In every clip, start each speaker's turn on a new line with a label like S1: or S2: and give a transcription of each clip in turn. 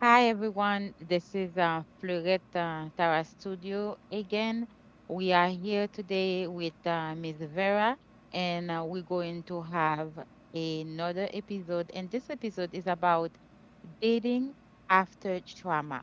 S1: Hi, everyone. This is Fleurette Tara Studio again. We are here today with Ms. Vera, and we're going to have another episode. And this episode is about dating after trauma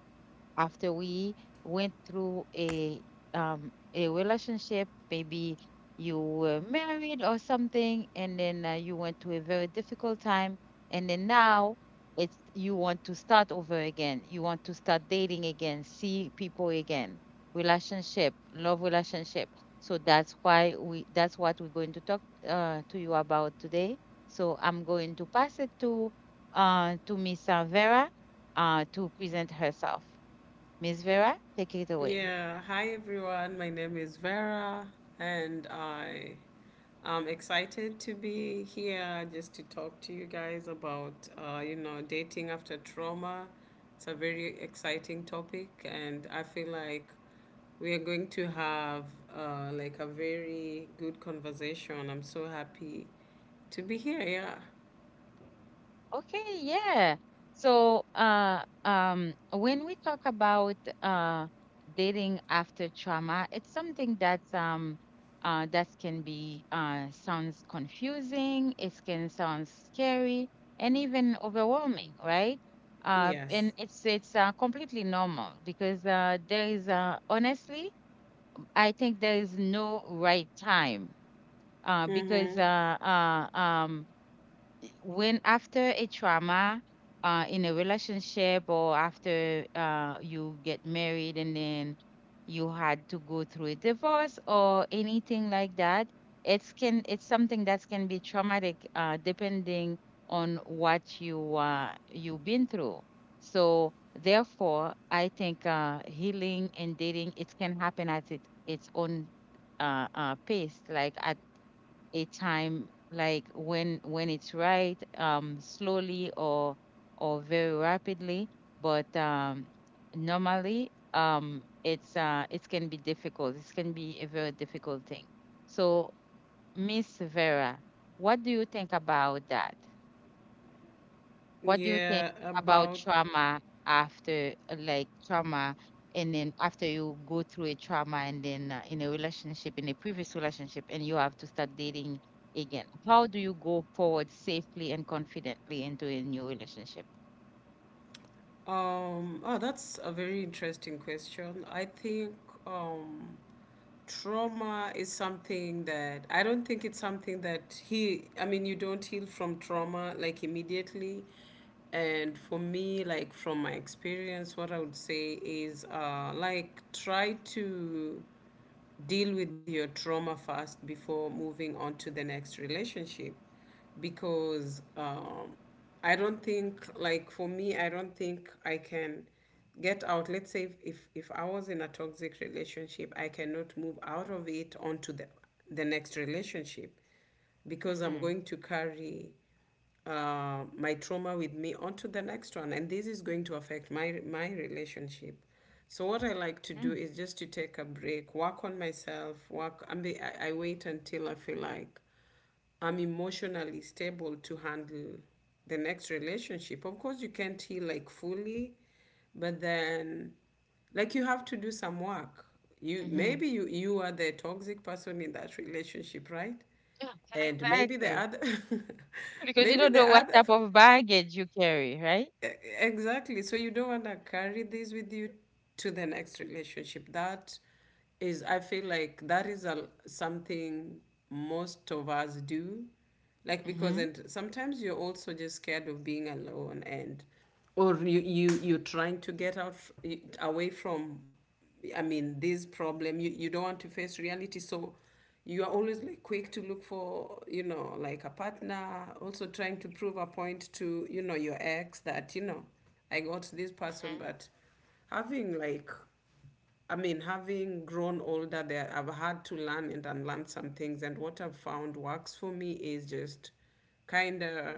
S1: after we went through a relationship maybe you were married or something and then you went through a very difficult time and then now it's you want to start over again, you want to start dating again, see people again, relationship, love relationship. So that's what we're going to talk to you about today. So I'm going to pass it to Miss Vera to present herself. Miss Vera, take it away.
S2: Yeah, hi everyone. My name is Vera, and I am excited to be here just to talk to you guys about, dating after trauma. It's a very exciting topic, and I feel like we are going to have like a very good conversation. I'm so happy to be here. Yeah.
S1: Okay, yeah. So when we talk about dating after trauma, it's something that's that can be sounds confusing. It can sound scary and even overwhelming, right? And
S2: Yes.
S1: it's completely normal because there is honestly I think there is no right time because
S2: Mm-hmm.
S1: when after a trauma in a relationship or after you get married and then you had to go through a divorce or anything like that it's something that can be traumatic depending on what you you've been through. So therefore I think healing and dating, it can happen at it, its own pace, like at a time, like when it's right, slowly or very rapidly, but normally it's it can be difficult, it can be a very difficult thing. So Miss Vera, what do you think about that? What do you think
S2: Yeah,
S1: about
S2: about
S1: trauma after, like trauma, and then after you go through a trauma and then in a relationship, in a previous relationship, and you have to start dating again? How do you go forward safely and confidently into a new relationship?
S2: Oh, that's a very interesting question. I think um, trauma is something that I don't think it's something I mean, you don't heal from trauma like immediately. And for me, like from my experience, what I would say is like try to deal with your trauma first before moving on to the next relationship because I don't think, like, for me, I don't think I can get out. Let's say if I was in a toxic relationship, I cannot move out of it onto the next relationship, because I'm
S1: Mm-hmm.
S2: going to carry my trauma with me onto the next one, and this is going to affect my relationship. So what I like to do
S1: Mm-hmm.
S2: is just to take a break, work on myself, work I mean, I wait until I feel like I'm emotionally stable to handle the next relationship. Of course, you can't heal like fully, but then like you have to do some work. You
S1: Mm-hmm.
S2: maybe, you are the toxic person in that relationship, right?
S1: Yeah,
S2: And maybe the
S1: exactly.
S2: other,
S1: Because you
S2: maybe
S1: don't know
S2: the
S1: what
S2: other,
S1: type of baggage you carry, right?
S2: e- exactly. So you don't want to carry this with you to the next relationship. That is, I feel like that is a, something most of us do. Like, because,
S1: Mm-hmm.
S2: and sometimes you're also just scared of being alone, and, or you're trying to get out, away from I mean, this problem, you don't want to face reality. So you are always like quick to look for, you know, like a partner, also trying to prove a point to, you know, your ex that, you know, I got this person,
S1: Mm-hmm.
S2: but having like, I mean, having grown older there, I've had to learn and unlearn some things. And what I've found works for me is just kind of,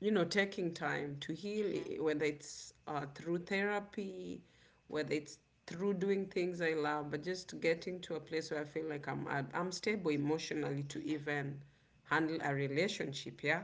S2: you know, taking time to heal, whether it's through therapy, whether it's through doing things I love, but just getting to a place where I feel like I'm stable emotionally to even handle a relationship. Yeah.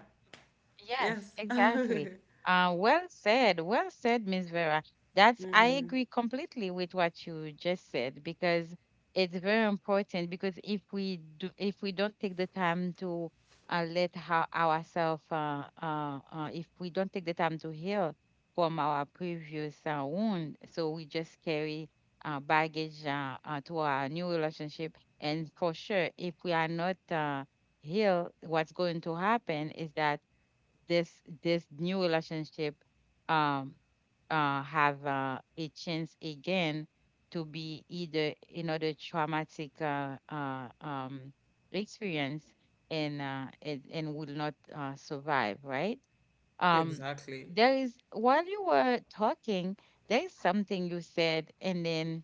S1: Yes,
S2: Yes.
S1: exactly. Well said. Well said, Miss Vera. That's, I agree completely with what you just said because it's very important because if we do, if we don't take the time to if we don't take the time to heal from our previous wound, so we just carry baggage to our new relationship. And for sure, if we are not healed, what's going to happen is that this new relationship um have a chance again to be either another traumatic experience, and and will not survive, right? um
S2: Exactly.
S1: there is, while you were talking, there is something you said, and then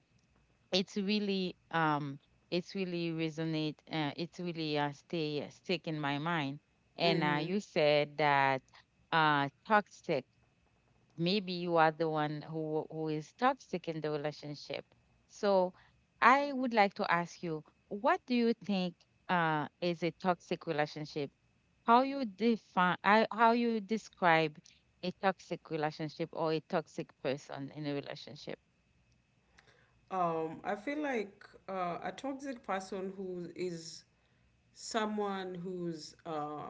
S1: it's really um it's really resonate, it's really stay stick in my mind, and you said that toxic, maybe you are the one who is toxic in the relationship. So I would like to ask you, what do you think is a toxic relationship? How you define, how you describe a toxic relationship or a toxic person in a relationship?
S2: I feel like a toxic person who is someone who's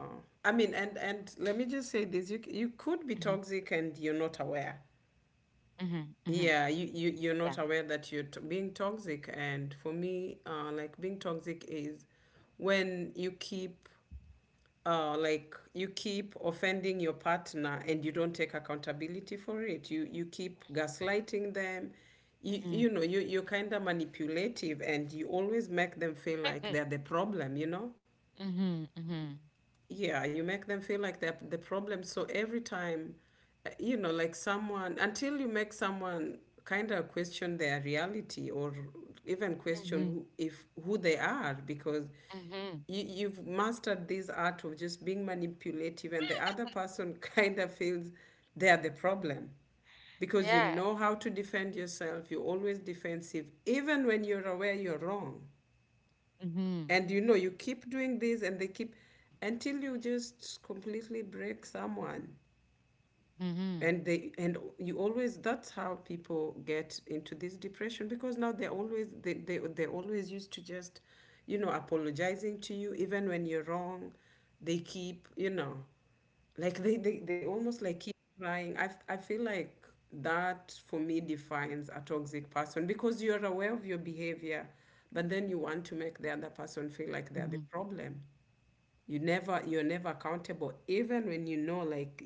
S2: I mean, and let me just say this: you could be
S1: hmm
S2: toxic and you're not aware.
S1: hmm hmm
S2: Yeah, you're
S1: yeah.
S2: not aware that you're being toxic. And for me, like, being toxic is when you keep like, you keep offending your partner and you don't take accountability for it. You keep gaslighting them.
S1: Mhm.
S2: You know, you're kind of manipulative and you always make them feel like
S1: Mhm,
S2: they're the problem, you know?
S1: mhm, mhm,
S2: Yeah, you make them feel like they're the problem. So every time you know, like someone, until you make someone kind of question their reality, or even question
S1: mhm,
S2: who, if who they are, because
S1: mhm.
S2: you've mastered this art of just being manipulative, and the other person kind of feels they're the problem, because you
S1: Yeah.
S2: know how to defend yourself. You're always defensive even when you're aware you're wrong.
S1: Mhm,
S2: And you know, you keep doing this, and they keep, until you just completely break someone.
S1: mhm,
S2: And they, and you always, that's how people get into this depression, because now they're always, they're always used to just, you know, apologizing to you even when you're wrong. They keep, you know, like they almost like keep trying. I feel like that, for me, defines a toxic person, because you're aware of your behavior, but then you want to make the other person feel like they're the
S1: mhm.
S2: problem. You never you're never accountable, even when you know, like,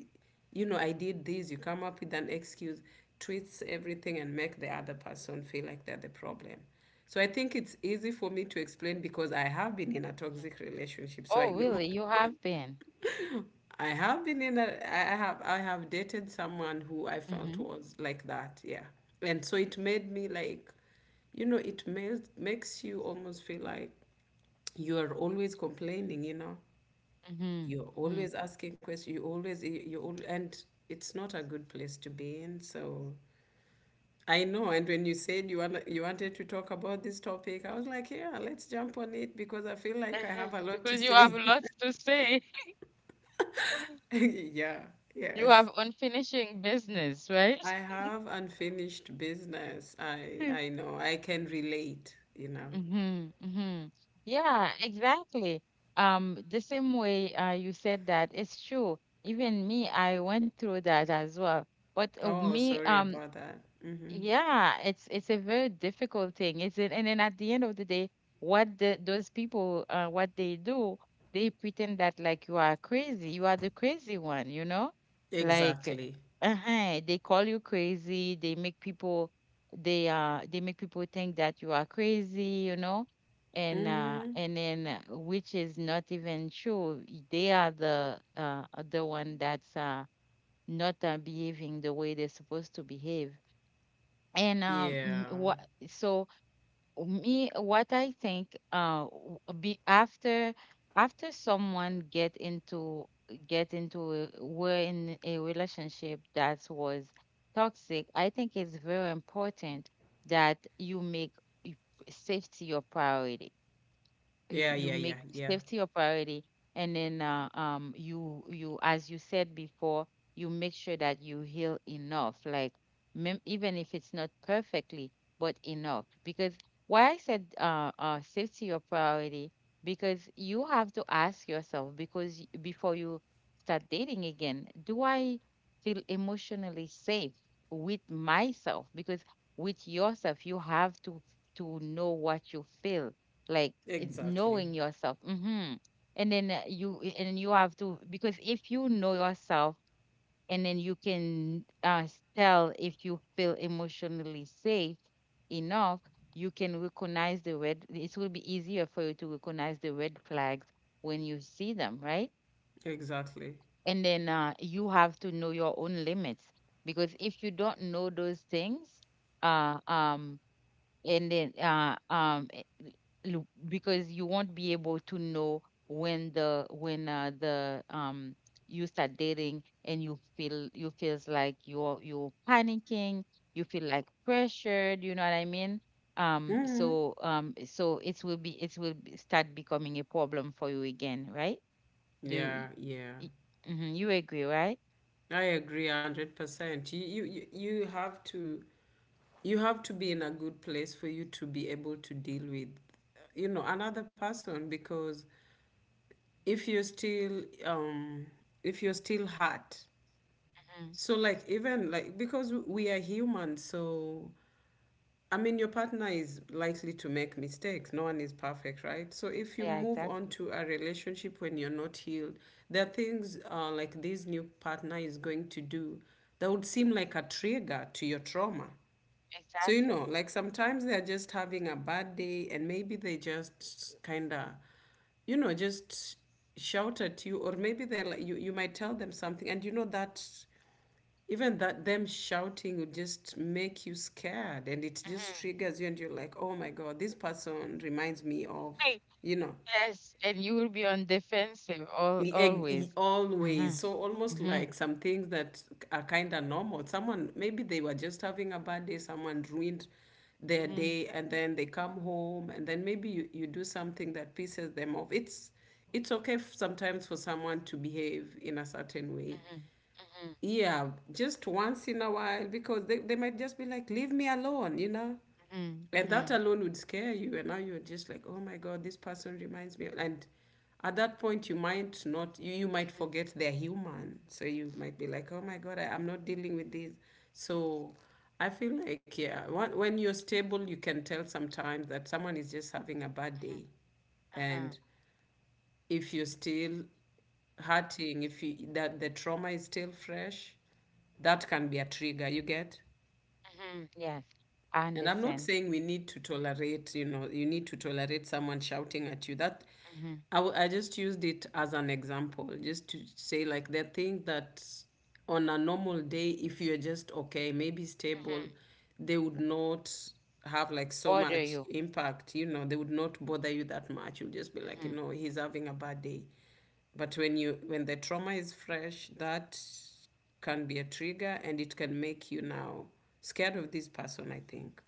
S2: you know, I did this, you come up with an excuse, twist everything, and make the other person feel like they're the problem. So I think it's easy for me to explain because I have been in a toxic relationship, so I
S1: Oh,
S2: know.
S1: really? You have been.
S2: I have been in a. I have dated someone who I felt
S1: Mhm,
S2: was like that, yeah. And so it made me like, you know, it makes you almost feel like you are always complaining, you know,
S1: mhm,
S2: you're
S1: mhm.
S2: always asking questions. You always and it's not a good place to be in. So I know. And when you said you want, you wanted to talk about this topic, I was like, yeah, let's jump on it, because I feel like I have
S1: Mhm.
S2: a lot to
S1: Because you have
S2: say.
S1: lots to say.
S2: Yeah,
S1: You
S2: yes.
S1: have unfinishing business, right?
S2: I have unfinished business. I know. I can relate, you know.
S1: Mm-hmm, mm-hmm. Yeah, exactly. The same way you said that, it's true. Even me, I went through that as well. But
S2: Oh, sorry about that. Mm-hmm.
S1: yeah, it's a very difficult thing, is it? And then at the end of the day, those people, what they do, they pretend that like you are crazy, you are the crazy one, you know? Like,
S2: Exactly.
S1: uh-huh, they call you crazy, they make people, they make people think that you are crazy, you know? And then Which is not even true. They are the one that's not behaving the way they're supposed to behave. And m-
S2: Yeah.
S1: what So me what I think, be after, after someone get into, were in a relationship that was toxic, I think it's very important that you make y- safety your priority.
S2: Yeah,
S1: you you
S2: yeah, yeah,
S1: make
S2: yeah.
S1: safety your priority. And then you, you, as you said before, you make sure that you heal enough, like even if it's not perfectly but enough. Because why I said safety your priority, because you have to ask yourself, before you start dating again, do I feel emotionally safe with myself? Because with yourself you have to know what you feel,
S2: Exactly.
S1: knowing yourself. And then and you have to, because if you know yourself and then you can tell if you feel emotionally safe enough, you can recognize the red it will be easier for you to recognize the red flags when you see them, right?
S2: Exactly.
S1: And then you have to know your own limits. Because if you don't know those things, uh, um, and then eh, l- because you won't be able to know when the you start dating and you feel, you're panicking, you feel like pressured, you know what I mean? So it will be, start becoming a problem for you again, right? do you,
S2: Yeah, yeah.
S1: y- mhm, you agree, right?
S2: I agree 100%. You have to, you have to be in a good place for you to be able to deal with, you know, another person. Because if you're still um if you're still hurt,
S1: Mhm.
S2: so like, even like, because we are human, so I mean, your partner is likely to make mistakes. No one is perfect, right? So if you
S1: Yeah,
S2: move on
S1: exactly.
S2: to a relationship when you're not healed, there are things like this new partner is going to do that would seem like a trigger to your trauma. So, you
S1: Exactly.
S2: know, like, sometimes they're just having a bad day, and maybe they just kind of, you know, just shout at you, or maybe they're like, you might tell them something, and you know that even that, them shouting would just make you scared, and it just triggers you, and you're like, oh my God, this person reminds me of,
S1: Mhm.
S2: you know,
S1: Yes, and you will be on defensive all always. Mm-hmm.
S2: always. So almost
S1: Mm-hmm.
S2: like some things that are kind of normal. Someone, maybe they were just having a bad day, someone ruined their
S1: Mm-hmm.
S2: day, and then they come home, and then maybe you do something that pisses them off. It's okay, sometimes, for someone to behave in a certain way,
S1: Mm-hmm. Mm-hmm.
S2: yeah, just once in a while, because they might just be like, leave me alone, you know?
S1: Mm-hmm.
S2: And
S1: Mm-hmm.
S2: that alone would scare you. And now you're just like, oh my God, this person reminds me. And at that point, you might not, you might forget they're human. So you might be like, oh my God, I'm not dealing with this. So I feel like, yeah, when you're stable, you can tell sometimes that someone is just having a bad day.
S1: Uh-huh.
S2: And if you're still hurting, if you, that the trauma is still fresh, that can be a trigger. You get?
S1: Mm-hmm. Yes, I
S2: And I'm not
S1: understand.
S2: saying we need to tolerate, you know, you need to tolerate someone shouting at you. That
S1: Mm-hmm.
S2: I just used it as an example, just to say, like, the thing that on a normal day, if you're just okay, maybe stable,
S1: Mm-hmm.
S2: they would not have like so
S1: Bother
S2: much
S1: you.
S2: impact. You know, they would not bother you that much. You'll just be like, you
S1: Mm-hmm.
S2: know, he's having a bad day. But when you, when the trauma is fresh, that can be a trigger, and it can make you now scared of this person, I think.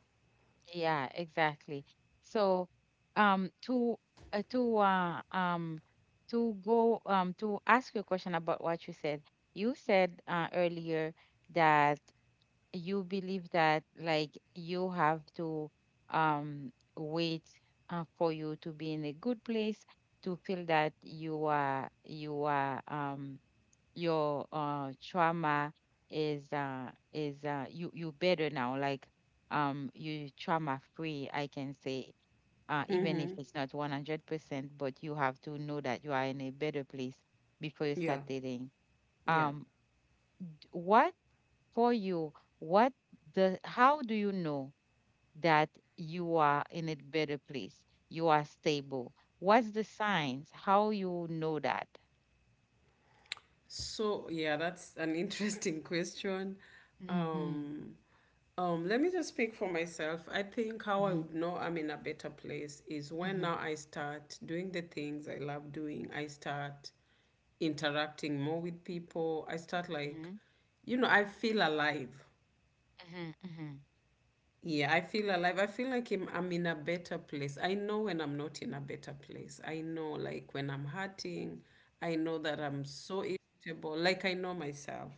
S1: Yeah, exactly. So, um, to uh, to uh, um to go to ask you a question about what you said. You said earlier that you believe that like you have to wait for you to be in a good place, to feel that you are, your trauma is you you better now, like you trauma free I can say, even if it's not 100%, but you have to know that you are in a better place before you
S2: Yeah,
S1: start dating.
S2: yeah.
S1: um what for you, what, the, how do you know that you are in a better place? You are stable. What's the signs? How you know that?
S2: So, yeah, that's an interesting question.
S1: Mm-hmm.
S2: Um, let me just speak for myself. I think how I
S1: Mm-hmm.
S2: would know I'm in a better place is when
S1: Mm-hmm.
S2: now I start doing the things I love doing. I start interacting more with people. I start
S1: Mm-hmm.
S2: like, you know, I feel alive.
S1: Mm-hmm. Mm-hmm. Mm-hmm.
S2: Yeah, I feel alive. I feel like I'm in a better place. I know when I'm not in a better place. I know, like, when I'm hurting, I know that I'm so irritable. Like, I know myself.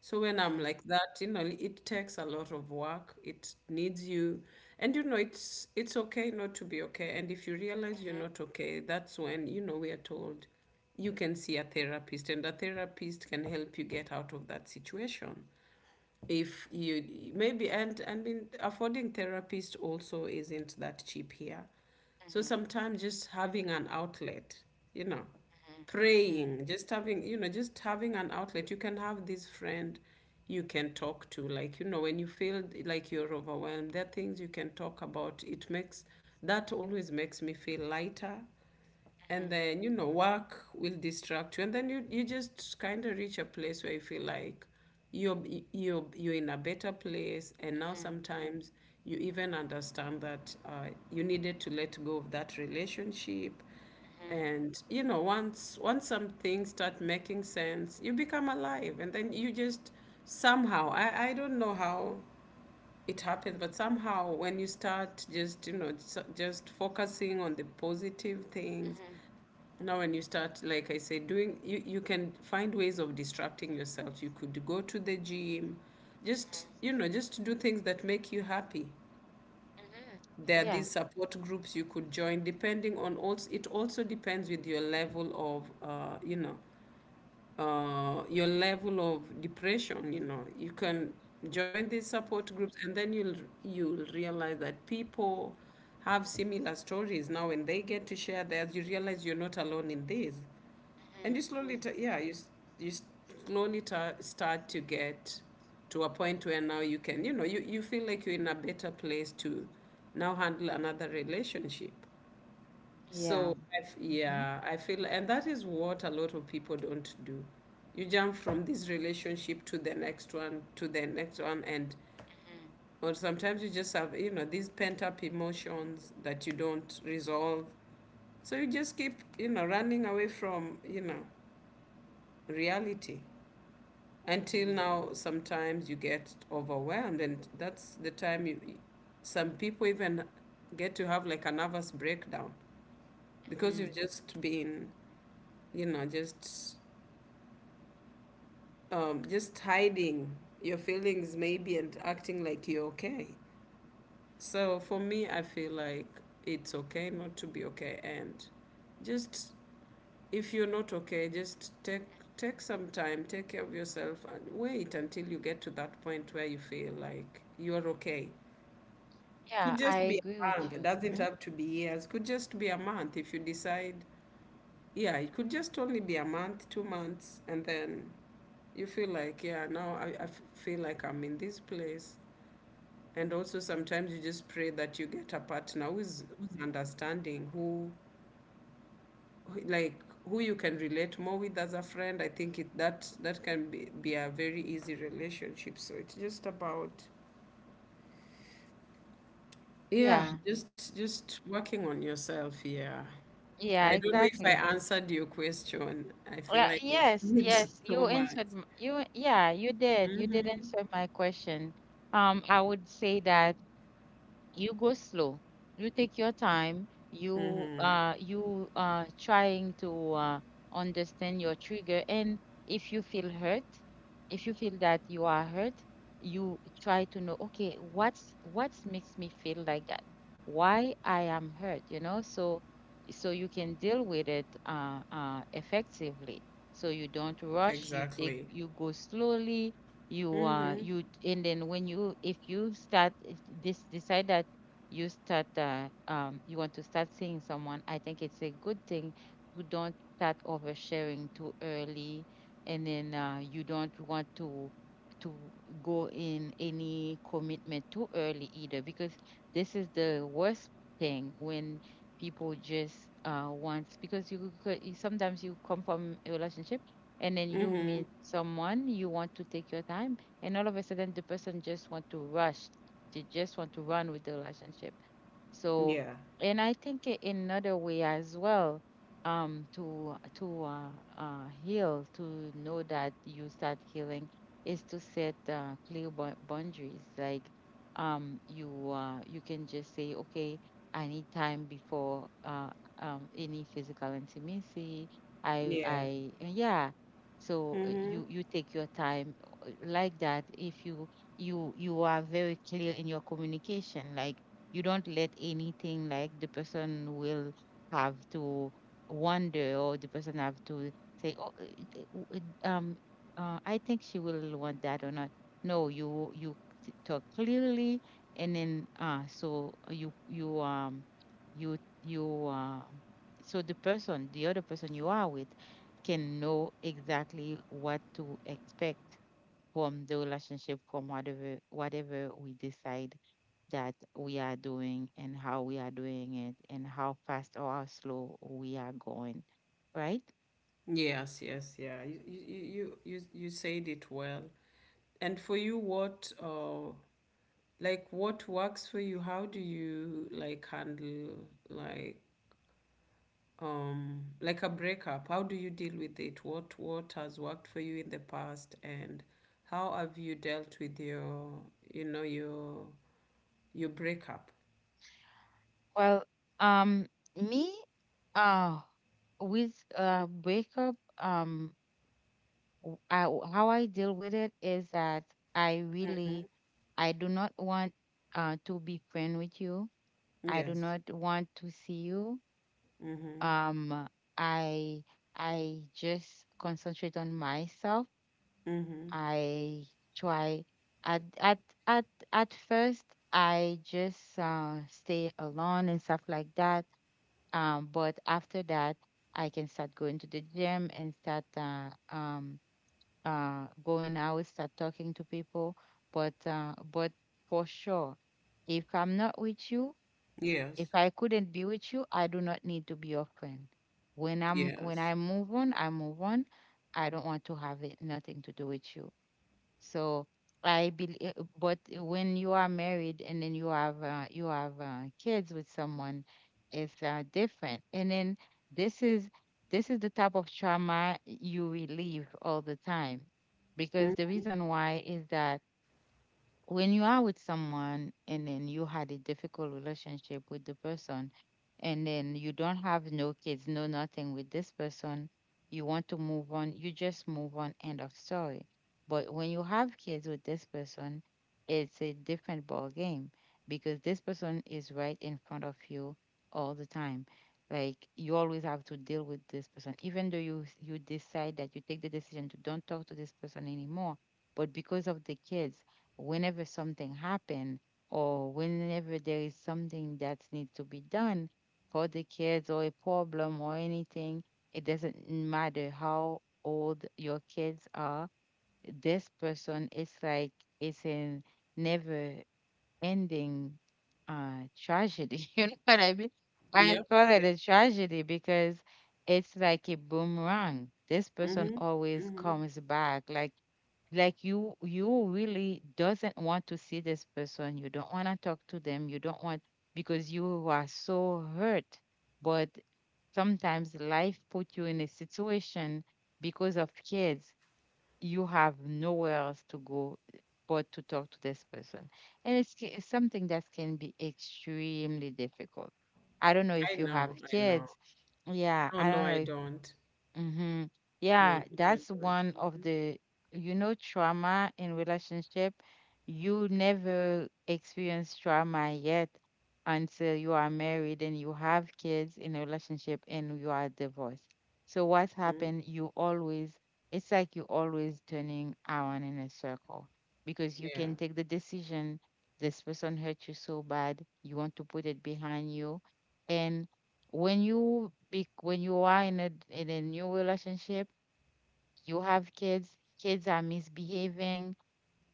S2: So, when I'm like that, you know, it takes a lot of work. It needs you. And, you know, it's okay not to be okay. And if you realize you're
S1: Mm-hmm.
S2: not okay, that's when, you know, we are told you can see a therapist, and a therapist can help you get out of that situation if you maybe, and I mean, affording therapist also isn't that cheap here. So
S1: Mm-hmm.
S2: sometimes just having an outlet, you know, praying, just having, you know, just having an outlet. You can have this friend you can talk to. Like, you know, when you feel like you're overwhelmed, there are things you can talk about. It makes that always makes me feel lighter.
S1: Mm-hmm.
S2: And then work will distract you, and then you just kind of reach a place where you feel like you're you're in a better place. And now sometimes you even understand that you needed to let go of that relationship. And once some things start making sense, you become alive, and then you just somehow, I don't know how it happens. But somehow, when you start just just focusing on the positive things.
S1: Mm-hmm.
S2: Now, when you start, like I said, doing, you can find ways of distracting yourself. You could go to the gym, just, just do things that make you happy.
S1: Mm-hmm.
S2: There are
S1: Yeah.
S2: these support groups you could join, depending on also, it also depends with your level of depression. You can join these support groups, and then you'll realize that people have similar stories. Now, when they get to share theirs, you realize you're not alone in this. And you slowly,
S1: Mm-hmm.
S2: yeah, you slowly ta start to get to a point where now you can, you feel like you're in a better place to now handle another relationship.
S1: Yeah.
S2: So, I f
S1: Mm-hmm.
S2: yeah, I feel, and that is what a lot of people don't do. You jump from this relationship to the next one, to the next one, and
S1: Mm-hmm.
S2: or sometimes you just have, these pent-up emotions that you don't resolve. So you just keep, running away from, reality. Until
S1: Mm-hmm.
S2: now sometimes you get overwhelmed, and that's the time you some people even get to have like a nervous breakdown, because you've
S1: Mm-hmm.
S2: just been you know just just hiding your feelings maybe, and acting like you're okay. So for me, I feel like it's okay not to be okay. And just, if you're not okay, just take some time, take care of yourself, and wait until you get to that point where you feel like you're okay.
S1: Yeah,
S2: Could
S1: I
S2: just be
S1: agree
S2: a
S1: with
S2: month.
S1: you.
S2: Doesn't
S1: Mm-hmm.
S2: have to be years. Could just be a month if you decide. Yeah, it could just only be a month, 2 months, and then you feel like, yeah, now feel like I'm in this place. And also sometimes you just pray that you get a partner who's understanding, who- like who you can relate more with as a friend. I think it that can be a very easy relationship. So it's just about, yeah,
S1: Yeah.
S2: just working on yourself. Yeah. I
S1: Yeah,
S2: don't know if I
S1: exactly.
S2: answered your question. I feel
S1: Yeah.
S2: like I
S1: Yes,
S2: said
S1: yes,
S2: so much.
S1: you, yeah, you did. You did
S2: Mm-hmm.
S1: answer my question. I would say that you go slow, you take your time, you
S2: Mm-hmm.
S1: you trying to understand your trigger. And if you feel hurt, if you feel that you are hurt, you try to know, okay, what's makes me feel like that, why I am hurt, you know, so so you can deal with it effectively. So you don't rush, you take,
S2: Exactly.
S1: you go slowly,
S2: Mm-hmm.
S1: you, and then when you, if you start, if this decide that you start, you want to start seeing someone, I think it's a good thing to don't start oversharing too early. And then you don't want to go in any commitment too early either, because this is the worst thing when people just wants, because you could sometimes, you come from a relationship and then you
S2: Mm-hmm.
S1: meet someone, you want to take your time, and all of a sudden the person just want to rush, they just want to run with the relationship. So,
S2: Yeah,
S1: and I think, another way as well, to heal, to know that you start healing is to set clear boundaries, like, you, you can just say, okay, I need time before any physical intimacy.
S2: yeah.
S1: I Yeah. So
S2: Mm-hmm.
S1: you you take your time like that. If you, you you are very clear in your communication, like you don't let anything, like the person will have to wonder, or the person have to say, oh, I think she will want that or not. No, you you t- talk clearly, and then so you you you so the person, the other person you are with, can know exactly what to expect from the relationship, from whatever, whatever we decide that we are doing, and how we are doing it, and how fast or how slow we are going, right?
S2: Yes, yes, yeah. You said it well. And for you, what like what works for you? How do you like handle like a breakup? How do you deal with it? What has worked for you in the past? And how have you dealt with your you know your breakup?
S1: Well, um, me, uh, with breakup, I, how I deal with it is that I really, I do not want to be friend with you. I do
S2: Yes.
S1: not want to see you.
S2: Mhm.
S1: um i I just concentrate on myself.
S2: Mhm.
S1: I try. at at at at first, I just stay alone and stuff like that. But after that, I can start going to the gym and start going out, start talking to people. But for sure, if i'm not with you
S2: Yes,
S1: if I couldn't be with you, I do not need to be your friend. When I
S2: yes.
S1: move on, I move on. I don't want to have it nothing to do with you. So I believe, but when you are married and then you have kids with someone, it's different. And then this is this is the type of trauma you relieve all the time,
S2: Mm.
S1: because the reason why is that when you are with someone and then you had a difficult relationship with the person, and then you don't have no kids no nothing with this person, you want to move on, you just move on, end of story. But when you have kids with this person, it's a different ball game, because this person is right in front of you all the time. Like you always have to deal with this person, even though you decide that you take the decision to don't talk to this person anymore, but because of the kids, whenever something happen or whenever there is something that needs to be done for the kids or a problem or anything, it doesn't matter how old your kids are. This person is like it's a never ending tragedy. You know what I mean? I
S2: Yep,
S1: call it
S2: yep.
S1: a tragedy because it's like a boomerang. This person
S2: Mhm.
S1: always
S2: Mhm.
S1: comes back. Like you really doesn't want to see this person, you don't want to talk to them, you don't want, because you are so hurt. But sometimes life put you in a situation, because of kids you have nowhere else to go, but to talk to this person. And it's something that can be extremely difficult. I don't know
S2: I
S1: if you
S2: know,
S1: have
S2: I know.
S1: kids. Yeah,
S2: No,
S1: I
S2: no,
S1: don't
S2: I
S1: know.
S2: don't.
S1: Mm-hmm.
S2: No,
S1: Yeah,
S2: no, I
S1: that's
S2: don't.
S1: one of
S2: Mhm.
S1: the trauma in relationship. You never experience trauma yet until you are married and you have kids in a relationship and you are divorced. So what's
S2: Mhm.
S1: happened, you always, it's like you always turning around in a circle, because you
S2: Yeah.
S1: can take the decision, this person hurt you so bad, you want to put it behind you. When you are in a new relationship, you have kids, kids are misbehaving,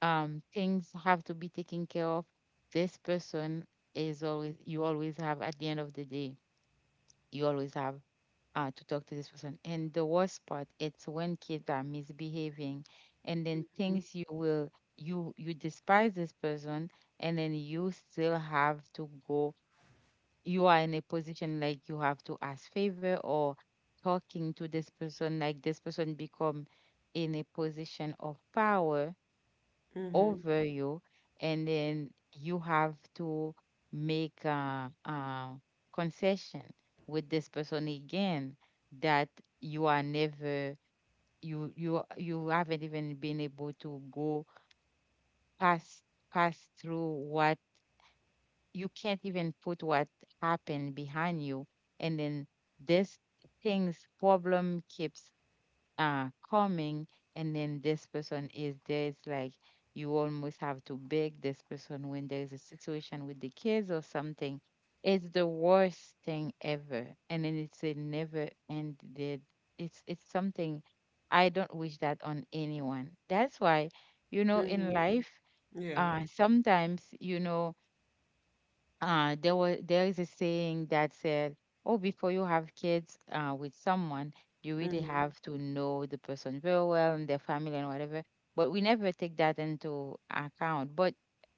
S1: things have to be taken care of. This person is always, you always have, at the end of the day, you always have to talk to this person. And the worst part, it's when kids are misbehaving, and then
S2: Mhm.
S1: things you will you despise this person, and then you still have to go, you are in a position like you have to ask favor or talking to this person, like this person become in a position of power over you, and then you have to make a concession with this person again, that you are never you haven't even been able to go past pass through what, you can't even put what happened behind you. And then this things problem keeps coming, and then this person is there. It's like you almost have to beg this person when there is a situation with the kids or something. It's the worst thing ever, and then it's a never ended. It's something. I don't wish that on anyone. That's why, in
S2: Mhm.
S1: life
S2: Yeah.
S1: sometimes, there is a saying that said, "Oh, before you have kids with someone, you really
S2: Mm-hmm.
S1: have to know the person very well and their family and whatever." But we never take that into account. But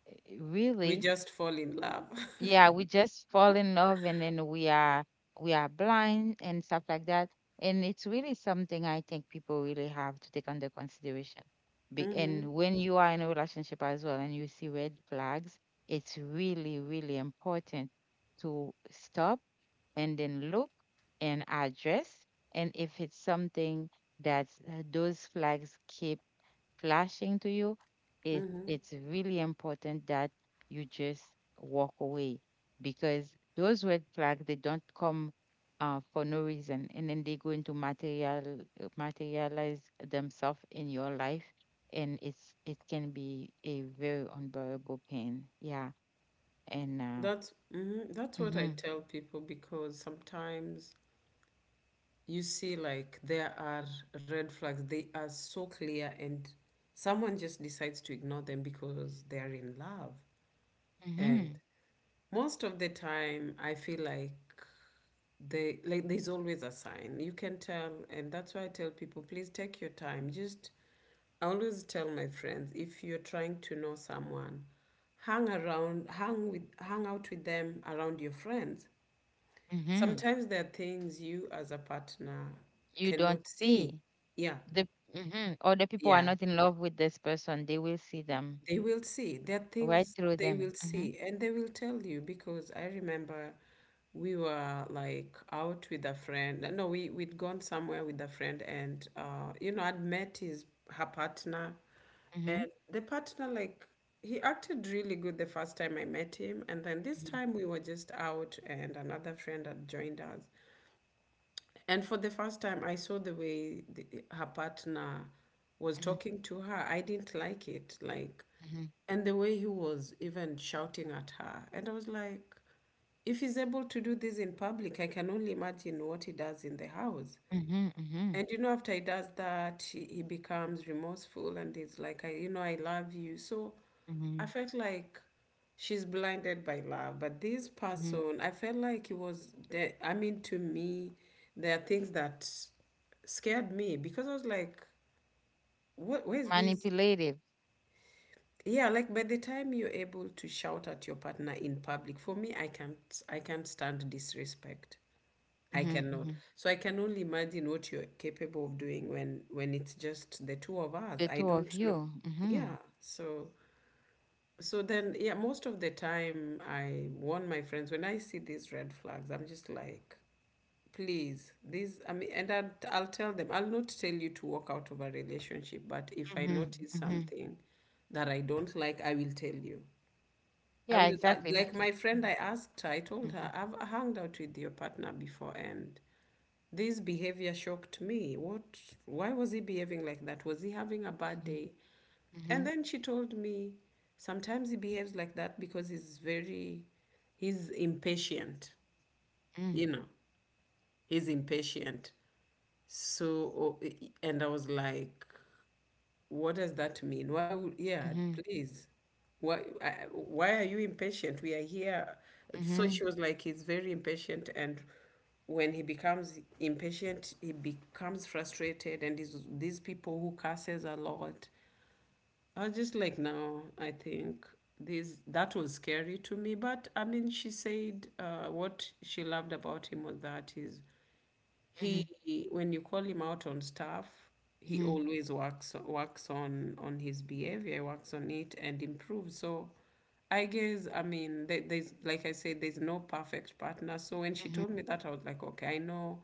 S2: We
S1: really,
S2: just fall in love.
S1: yeah, we just fall in love, and then we are blind and stuff like that. And it's really something I think people really have to take under consideration.
S2: Mm-hmm.
S1: And when you are in a relationship as well and you see red flags, it's really really important to stop and then look and address. And if it's something that those flags keep flashing to you,
S2: Mm-hmm.
S1: it's really important that you just walk away, because those red flags they don't come for no reason, and then they're going to materialize themselves in your life. And it can be a very unbearable pain. Yeah. and uh
S2: That's Mm-hmm. That's what I
S1: Hmm.
S2: tell people, because sometimes you see like there are red flags. They are so clear, and someone just decides to ignore them because they are in love. And
S1: Hmm.
S2: most of the time, I feel like they like there's always a sign. You can tell, and that's why I tell people, please take your time. Just I always tell my friends, if you're trying to know someone, hang around, hang out with them around your friends.
S1: Hmm.
S2: Sometimes there are things you as a partner
S1: You don't
S2: cannot see.
S1: see
S2: Yeah,
S1: the. Mhm, other people are
S2: yeah.
S1: not in love with this person, they will see them
S2: They will see. There are
S1: right
S2: things
S1: through
S2: they will
S1: them. Mm-hmm.
S2: see and they will tell you, because I remember we were like out with a friend. No, we'd gone somewhere with a friend, and I'd met his her partner. And
S1: Mhm,
S2: the partner like he acted really good the first time I met him, and then this
S1: mhm,
S2: time we were just out and another friend had joined us. And for the first time, I saw the way her partner was
S1: mhm,
S2: talking to her. I didn't like it. Like,
S1: mhm,
S2: and the way he was even shouting at her. And I was like, if he's able to do this in public, I can only imagine what he does in the house.
S1: mhm, mhm,
S2: And after he does that, he becomes remorseful, and it's like, I love you. So I
S1: mhm,
S2: felt like she's blinded by love. But this
S1: mhm.
S2: person, I felt like he was there. I mean, to me, there are things that scared me, because I was like, what, where's this?
S1: Manipulative.
S2: Yeah, like, by the time you're able to shout at your partner in public, for me, I can't stand disrespect. I
S1: Mhm,
S2: cannot.
S1: mhm.
S2: So I can only imagine what you're capable of doing when it's just the two of us.
S1: The
S2: I
S1: two of
S2: don't know.
S1: you. Mhm,
S2: Yeah, so then, yeah, most of the time I warn my friends when I see these red flags, I'm just like, please, these, I mean, and I'll tell them. I'll not tell you to walk out of a relationship, but if I
S1: mhm,
S2: notice
S1: mhm.
S2: something that I don't like, I will tell you.
S1: Yeah, exactly.
S2: Like
S1: Because.
S2: my friend, I asked her, I told
S1: Mhm,
S2: her, I've hung out with your partner before, and this behavior shocked me. What, why was he behaving like that? Was he having a bad
S1: mhm,
S2: day?
S1: mhm,
S2: And then she told me, sometimes he behaves like that because he's impatient,
S1: mhm,
S2: you know, he's impatient. So, oh, and I was like, what does that mean? Why would, yeah,
S1: mhm,
S2: please. Why, why are you impatient? We are here. So
S1: mhm,
S2: she was like, he's very impatient. And when he becomes impatient, he becomes frustrated. And these people who curses a lot. I was just like, no, I think that was scary to me. But I mean, she said what she loved about him was that
S1: mhm, mhm,
S2: he, when you call him out on stuff, he
S1: mhm,
S2: always works on his behavior, works on it and improves. So I guess, I mean, there's, like I said, there's no perfect partner. So when she
S1: mhm,
S2: told me that, I was like, okay, I know.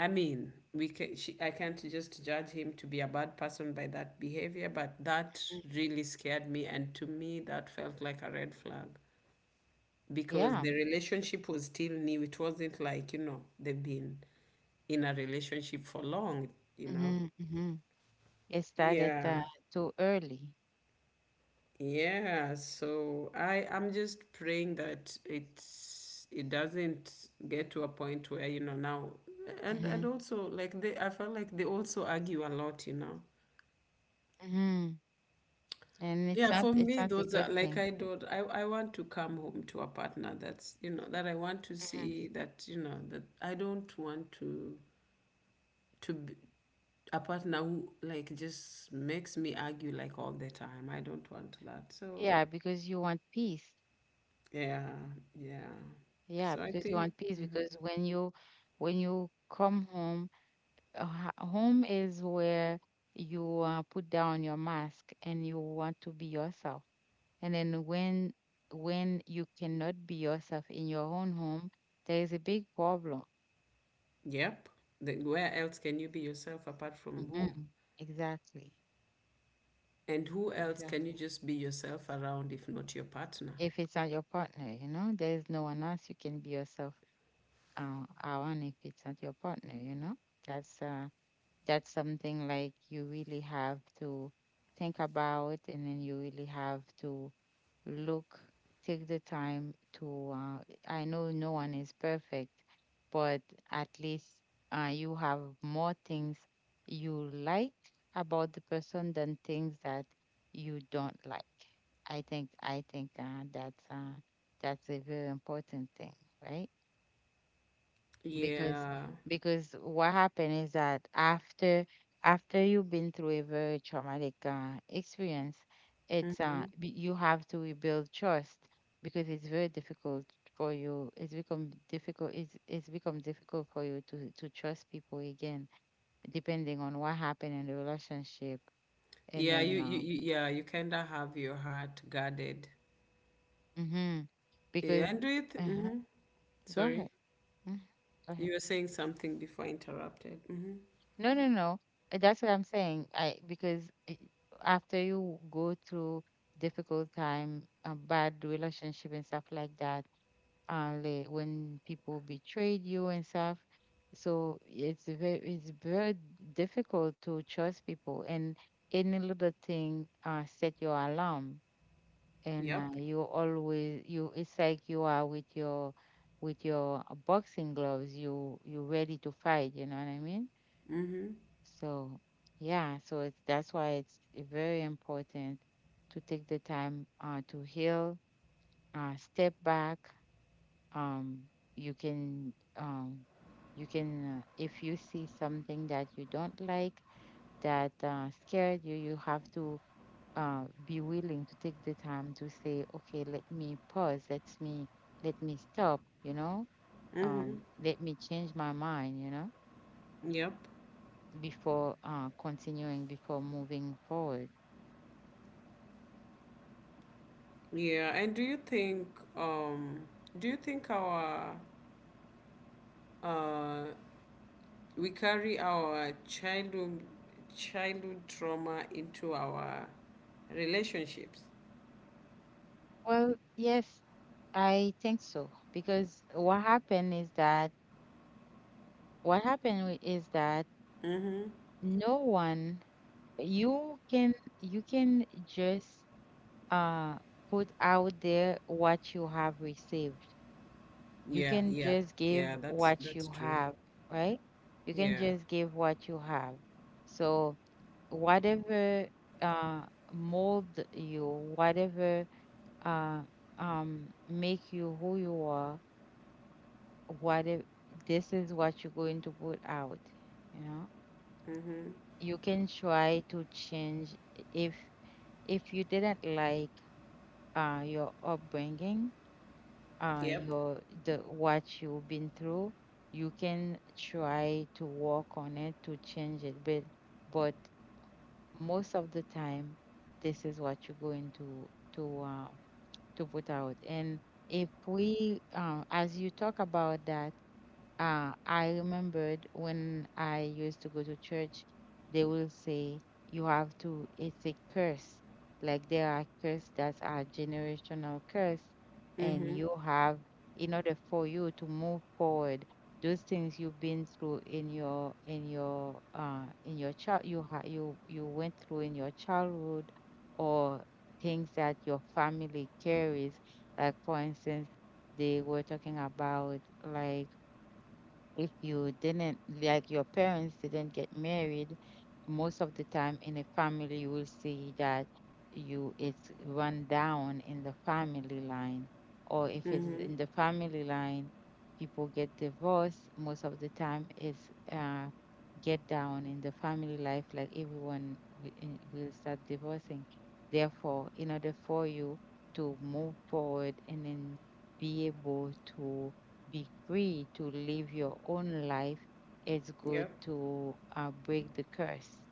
S2: I mean, we can. I can't just judge him to be a bad person by that behavior, but that
S1: mhm.
S2: really scared me, and to me, that felt like a red flag,
S1: Yeah.
S2: because the relationship was still new. It wasn't like, they've been in a relationship for long, you know.
S1: Mhm, mhm. It started
S2: Yeah.
S1: too early.
S2: Yeah. So I'm just praying that it doesn't get to a point where, now. And
S1: Mhm,
S2: also like they I felt like they also argue a lot.
S1: mhm. And it's
S2: Yeah,
S1: not.
S2: for
S1: It's
S2: me,
S1: not a
S2: those
S1: good
S2: are
S1: thing.
S2: like I don't. I want to come home to a partner that's, that I want to
S1: Mhm.
S2: see, that that I don't want to to b- a partner who like just makes me argue like all the time. I don't want that. So
S1: Yeah, because you want peace.
S2: yeah, yeah.
S1: Yeah,
S2: So I
S1: because you
S2: think.
S1: want peace. Because when you come home, home is where you put down your mask and you want to be yourself. And then when you cannot be yourself in your own home, there is a big problem.
S2: Yep. The, where else can you be yourself apart from home?
S1: Hmm. Exactly.
S2: And who else
S1: Exactly.
S2: can you just be yourself around if not your partner?
S1: If it's not your partner, you know, there is no one else you can be yourself around. If it's not your partner, you know, that's uh, that's something like you really have to think about, and then you really have to look, take the time to I know no one is perfect, but at least you have more things you like about the person than things that you don't like. I think that's a very important thing, right? because
S2: Yeah.
S1: because what happened is that after you've been through a very traumatic experience,
S2: Mm-hmm.
S1: you have to rebuild trust, because it's very difficult for you it's become difficult, it's become difficult for you to trust people again, depending on what happened in the relationship. And
S2: Yeah,
S1: then
S2: you kinda have your heart guarded.
S1: mhm,
S2: Yeah,
S1: because
S2: and with
S1: uh
S2: mm-hmm.
S1: go
S2: Sorry.
S1: ahead. Mhm. Go
S2: You
S1: ahead.
S2: were saying something before I interrupted. Mm-hmm.
S1: No, no, no. That's what I'm saying. After you go through difficult time, a bad relationship and stuff like that, like when people betrayed you and stuff. So it's very difficult to trust people. And any little thing set your alarm, and
S2: Yep.
S1: you, it's like you are with your boxing gloves. You're ready to fight. You know what I mean?
S2: Mm-hmm.
S1: So, yeah, so it's that's why it's very important to take the time to heal, step back. Um, you can um, you can if you see something that you don't like, that scared you, you have to be willing to take the time to say, okay, let me pause, let me stop, you know, let me change my mind, you know,
S2: Yep.
S1: before continuing, before moving forward.
S2: Yeah, and um do you think our uh we carry our childhood trauma into our relationships?
S1: Well, yes, I think so. Because is that
S2: Mm-hmm.
S1: no one you can you can just uh put out there what you have received. You
S2: Yeah,
S1: can
S2: yeah,
S1: just
S2: yeah,
S1: give
S2: that's
S1: what
S2: that's
S1: you
S2: true.
S1: have, right? You can
S2: Yeah.
S1: just give what you have. So whatever uh mold you, whatever uh make you who you are, what if this is what you're going to put out, you know.
S2: Mm-hmm.
S1: You can try to change, if you didn't like your upbringing,
S2: Yep.
S1: your the what you've been through. You can try to work on it to change it, but most of the time this is what you're going to put out. And if we as you talk about that, I remembered when I used to go to church. They will say you have to, it's a curse. Like there are curses that are generational curse,
S2: Mm-hmm.
S1: and you have, in order for you to move forward, those things you've been through in your child you ha you went through in your childhood, or things that your family carries. Like for instance, they were talking about like if you didn't like your parents didn't get married, most of the time in a family you will see that you it's run down in the family line. Or if it's
S2: Mm-hmm.
S1: in the family line people get divorced, most of the time it's get down in the family life, like everyone will start divorcing. Therefore, in order for you to move forward and then be able to be free to live your own life, it's
S2: Yep.
S1: good to break the curse.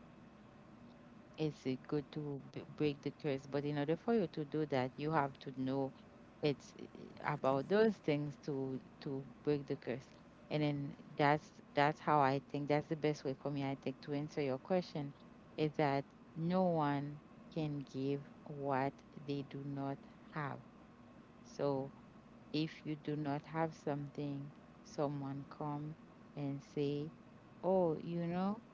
S1: It's good to break the curse. But in order for you to do that, you have to know it's about those things to break the curse. And then that's how I think that's the best way for me, I think, to answer your question is that no one can give what they do not have. So if you do not have something, someone come and say, "Oh,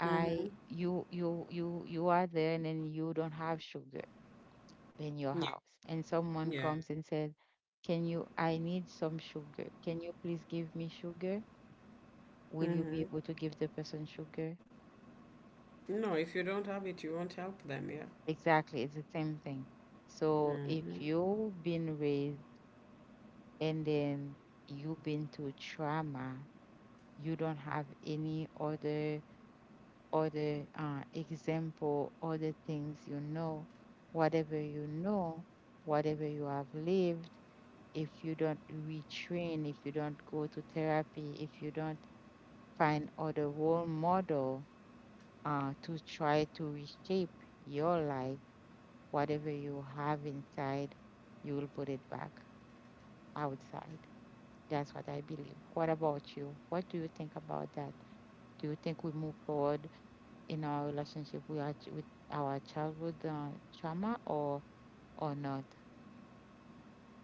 S2: Mm-hmm.
S1: I you are there and then you don't have sugar in your
S2: Yeah.
S1: house." And
S2: Yeah.
S1: someone comes and said, "Can you I need some sugar. Can you please give me sugar?" Will
S2: Mm-hmm.
S1: you be able to give the person sugar?
S2: No, if you don't have it, you won't help them, yeah.
S1: Exactly, it's the same thing. So
S2: Mm-hmm.
S1: if you've been raised and then you've been to trauma, you don't have any other or the example or the things you know, whatever you know, whatever you have lived, if you don't retrain, if you don't go to therapy, if you don't find other role model to try to reshape your life, whatever you have inside, you will put it back outside. That's what I believe. What about you? What do you think about that? Do you think we move forward in our relationship with our childhood trauma or not?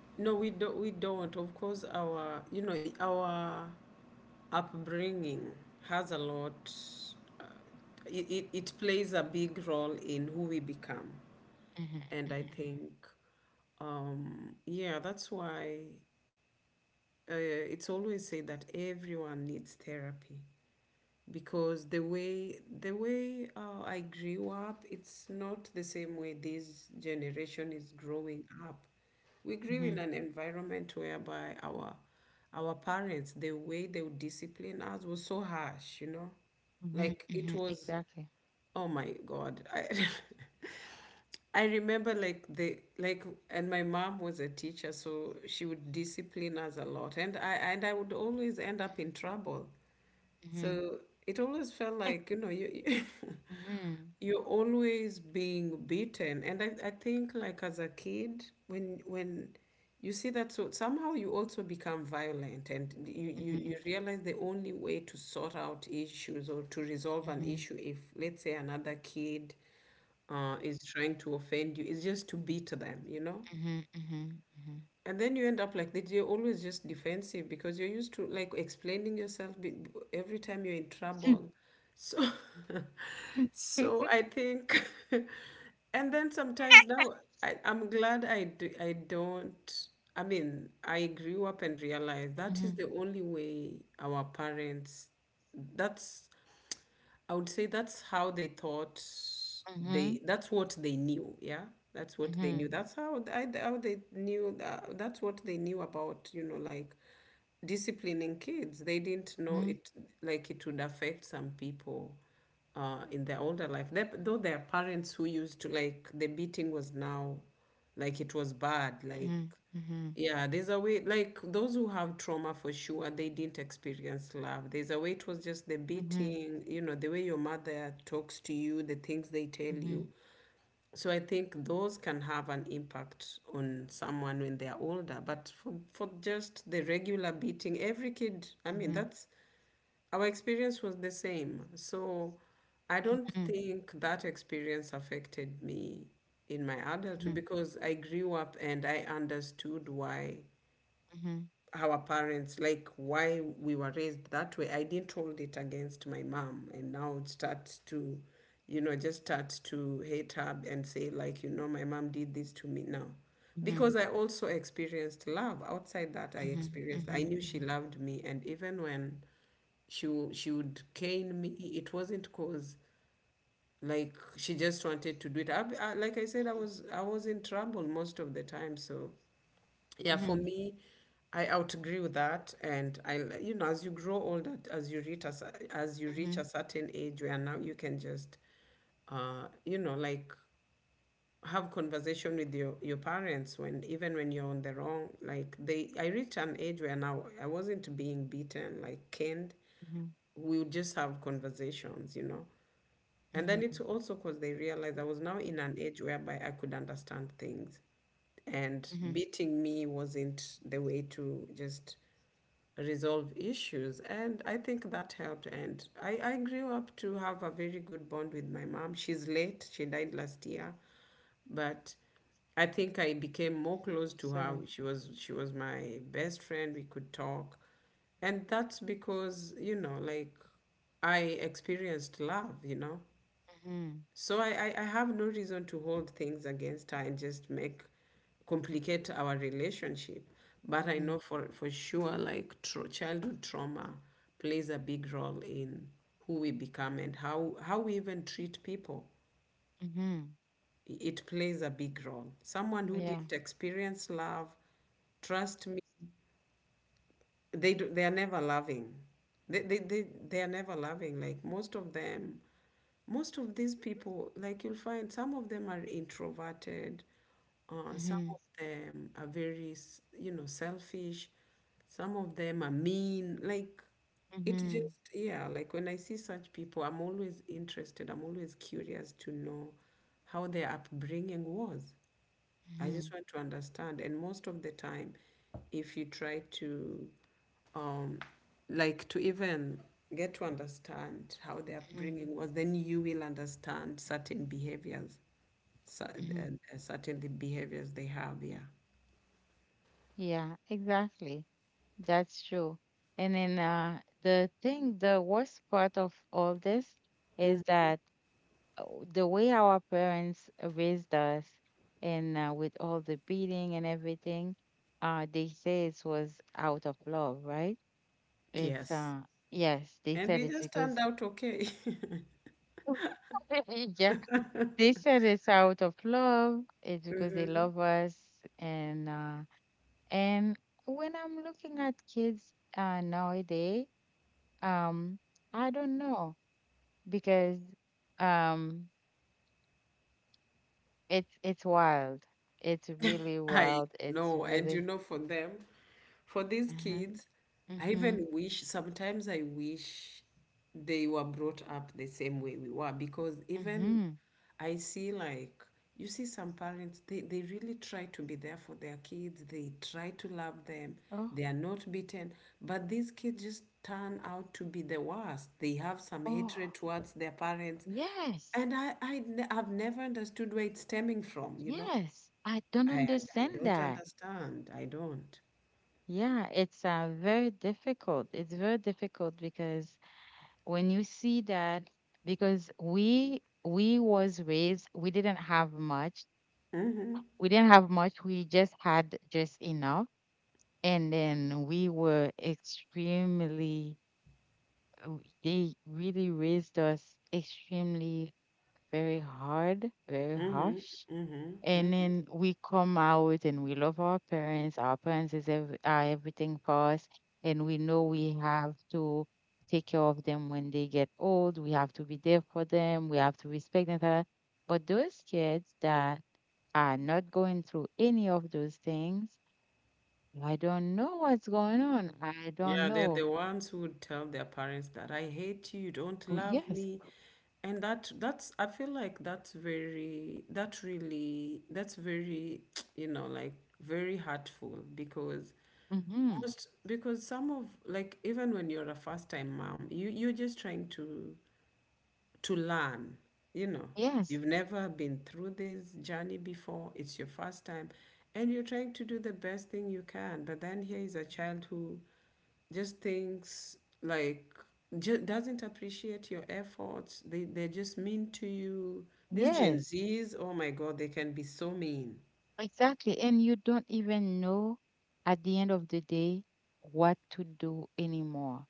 S2: No, we don't. We don't. Of course, our our upbringing has a lot, uh, it plays a big role in who we become. And
S1: hmm
S2: I think, yeah, that's why, it's always said that everyone needs therapy, because the way I grew up, it's not the same way this generation is growing up. We grew
S1: hmm
S2: in an environment whereby our parents, the way they would discipline us was so harsh, you know, like it was,
S1: Exactly.
S2: oh my God, I I remember like the like and my mom was a teacher, so she would discipline us a lot, and I would always end up in trouble.
S1: hmm
S2: So it always felt like, you
S1: hmm
S2: you're always being beaten. And I think, like as a kid, when you see that, so somehow you also become violent, and you
S1: hmm
S2: realize the only way to sort out issues or to resolve an
S1: hmm
S2: issue, if let's say another kid is trying to offend you, it's just to beat them, you know?
S1: hmm hmm
S2: And then you end up like that. You're always just defensive because you're used to like explaining yourself every time you're in trouble. So, so I think, and then sometimes
S1: hmm
S2: now I'm glad I do, I don't. I mean, I grew up and realized that is the only way our parents. That's I would say that's how they thought,
S1: Mm-hmm.
S2: they that's what they knew, yeah. That's what they
S1: Mm-hmm.
S2: knew. That's how th- I how they knew that, that's what they knew about, you know, like disciplining kids. They didn't
S1: Mm-hmm.
S2: know
S1: Mm-hmm.
S2: it, like it would affect some people in their older life. They, though their parents who used to like the beating was now like it was bad, like
S1: Mm-hmm.
S2: yeah, there's a way, like those who have trauma for sure, they didn't experience love. There's a way it was just the
S1: Mm-hmm.
S2: beating, you know, the way your mother talks to you, the things they tell
S1: Mm-hmm.
S2: you. So I think those can have an impact on someone when they're older. But for just the regular beating, every kid, I mean,
S1: Mm-hmm.
S2: that's our experience was the same. So I don't think that experience affected me in my
S1: Mm-hmm.
S2: adulthood,
S1: Mm-hmm.
S2: because I grew up and I understood why
S1: Mm-hmm.
S2: our parents, like why we were raised that way. I didn't hold it against my mom, and now it starts to, you know, just start to hate her and say like, you know, my mom did this to me now,
S1: Mm-hmm.
S2: because I also experienced love outside that. I experienced.
S1: Mm-hmm.
S2: I knew she loved me, and even when she would cane me, it wasn't cause like she just wanted to do it. Like I said, I was in trouble most of the time, so. Yeah, for
S1: Mm-hmm.
S2: me, I out agree with that, and you know, as you grow older, as you reach a
S1: Mm-hmm.
S2: certain age where now you can just, you know, like have conversation with your parents, when even when you're on the wrong, like they, I reached an age where now I wasn't being beaten like canned. We would just have conversations, you know, and then it's
S1: Mm-hmm.
S2: also because they realized I was now in an age whereby I could understand things, and
S1: Mm-hmm.
S2: beating me wasn't the way to just resolve issues. And I think that helped, and I grew up to have a very good bond with my mom. She's late, she died last year. But I think I became more close to her.
S1: Sorry.
S2: She was my best friend, we could talk, and that's because, you know, like I experienced love, you know.
S1: Mm-hmm.
S2: So I have no reason to hold things against her and just make complicate our relationship. But I know for sure, like childhood trauma plays a big role in who we become and how we even treat people.
S1: Mm-hmm.
S2: It plays a big role. Someone who
S1: Yeah.
S2: didn't experience love, trust me, they do, they are never loving. They are never loving. Like most of them, most of these people, like you'll find some of them are introverted, some
S1: Mm-hmm.
S2: of them are very, you know, selfish, some of them are mean. Like it
S1: Mm-hmm.
S2: just, yeah, like when I see such people, I'm always interested, I'm always curious to know how their upbringing was. I
S1: Mm-hmm,
S2: just want to understand. And most of the time, if you try to, um, like, to even get to understand how their
S1: mm-hmm,
S2: upbringing was, then you will understand certain behaviors,
S1: mm-hmm.
S2: certain the behaviors they have. Yeah.
S1: Yeah, exactly. That's true. And then the thing, the worst part of all this is that uh, the way our parents raised us, and with all the beating and everything, they say it was out of love, right? It's
S2: Yes.
S1: yes, they
S2: And
S1: said
S2: we
S1: it's
S2: just turned
S1: because.
S2: out okay.
S1: Yeah, they said it's out of love. It's because they love us and. And when I'm looking at kids nowadays, um, I don't know because um, it's wild. It's really
S2: I
S1: wild. It's
S2: know, and you
S1: really.
S2: know, for them, for these
S1: Uh-huh.
S2: kids, I
S1: Mhm.
S2: even wish sometimes I wish they were brought up the same way we were, because even
S1: Mhm.
S2: I see like you see some parents, they really try to be there for their kids, they try to love them,
S1: Oh.
S2: they are not beaten, but these kids just turn out to be the worst. They have some
S1: Oh.
S2: hatred towards their parents.
S1: Yes.
S2: And have never understood where it's stemming from, you know?
S1: Yes. I don't
S2: I I
S1: understand
S2: don't
S1: that.
S2: understand. I don't.
S1: Yeah, it's very difficult. It's very difficult because when you see that, because we was raised, we didn't have much, we didn't have much. We just had just enough. And then we were extremely, uh, they really raised us extremely very hard, very harsh.
S2: Hmm.
S1: And then we come out and we love our parents. Are everything for us. And we know we have to take care of them when they get old. We have to be there for them. We have to respect them. Ta- ta. Ta. But those kids that I'm not going through any of those things. I don't know what's going on. I don't
S2: Yeah, they're
S1: know.
S2: the ones who would tell their parents that I hate you, you don't
S1: Oh,
S2: love
S1: yes.
S2: me. And that that's I feel like that's very, that really, that's very, you know, like very hurtful. Because
S1: hmm
S2: most, because some of, like, even when you're a first time mom, you're just trying to learn. You know,
S1: Yes.
S2: you've never been through this journey before, it's your first time, and you're trying to do the best thing you can. But then here is a child who just thinks, like, doesn't appreciate your efforts. They, they're just mean to you. These Gen
S1: Yes.
S2: Zs, oh my God, they can be so mean.
S1: Exactly. And you don't even know at the end of the day what to do anymore.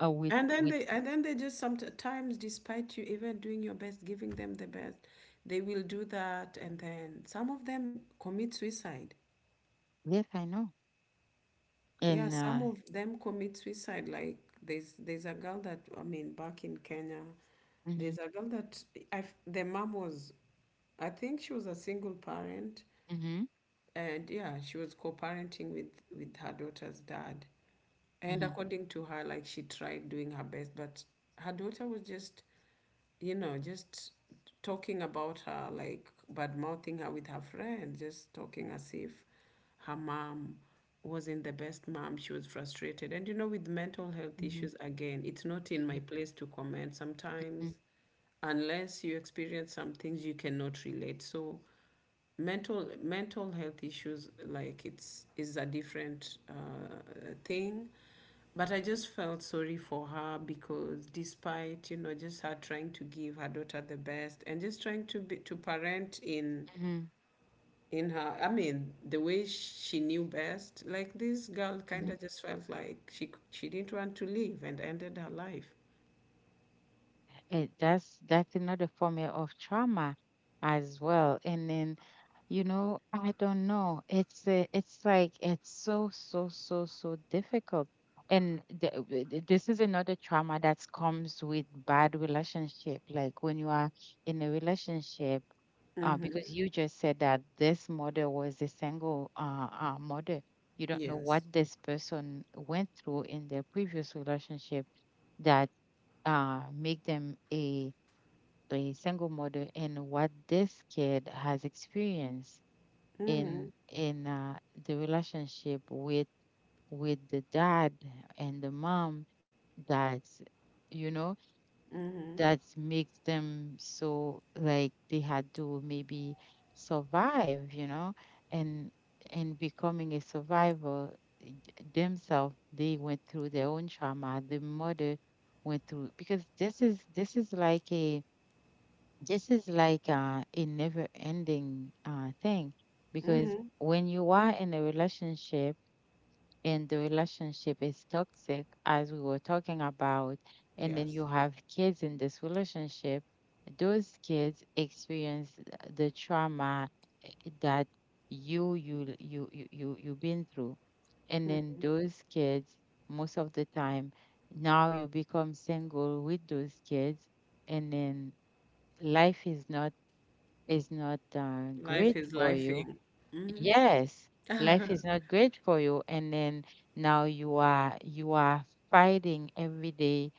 S1: Uh, with,
S2: And then
S1: with,
S2: they, and then they just sometimes, despite you even doing your best, giving them the best, they will do that. And then some of them commit suicide.
S1: yes, I know.
S2: Yeah,
S1: And,
S2: some of them commit suicide. Like there's a girl that, I mean, back in Kenya,
S1: hmm
S2: there's a girl that I, the mom was, I think she was a single parent,
S1: hmm
S2: and yeah, she was co-parenting with her daughter's dad, and
S1: hmm
S2: according to her, like, she tried doing her best, but her daughter was just, you know, just talking about her, like bad mouthing her with her friends, just talking as if her mom wasn't the best mom. She was frustrated, and you know, with mental health
S1: hmm
S2: issues, again, it's not in my place to comment
S1: hmm
S2: sometimes unless you experience some things, you cannot relate. So mental health issues, like it's, is a different thing. But I just felt sorry for her because despite, you know, just her trying to give her daughter the best and just trying to be to parent in
S1: hmm
S2: her, I mean, the way she knew best, like this girl kind
S1: hmm
S2: of just felt like she didn't want to live and ended her life.
S1: that's another form of trauma as well. And then you know, I don't know. It's like it's so difficult. And this is another trauma that comes with bad relationship. Like when you are in a relationship, because you just said that this mother was a single mother. You don't know what
S2: Yes,
S1: this person went through in their previous relationship that make them a single mother, and what this kid has experienced in the relationship with the dad and the mom. That's, you know, that makes them so like they had to maybe survive, you know, and and becoming a survivor, eh, themselves, they went through their own trauma, the mother went through, because this is like a never ending thing, because when you are in a relationship and the relationship is toxic, as we were talking about, and then
S2: yes.
S1: you have kids in this relationship, those kids experience the trauma that you've been through. And then those kids, most of the time, now you become single with those kids, and then life is not
S2: Life
S1: great
S2: is
S1: for you.
S2: lifing. Mm-hmm.
S1: Yes, life is not great for you, and then now you are fighting every day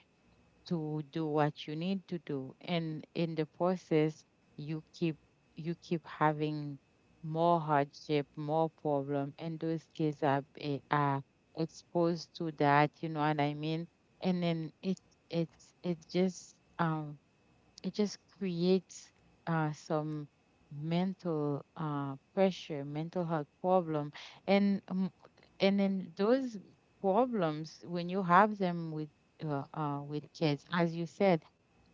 S1: to do what you need to do, and in the process, you keep you keep having more hardship, more problem, and those kids are are exposed to that. You know what I mean? And then it's just um it just creates some mental pressure, mental health problem, and um, and then those problems when you have them with kids, as you said,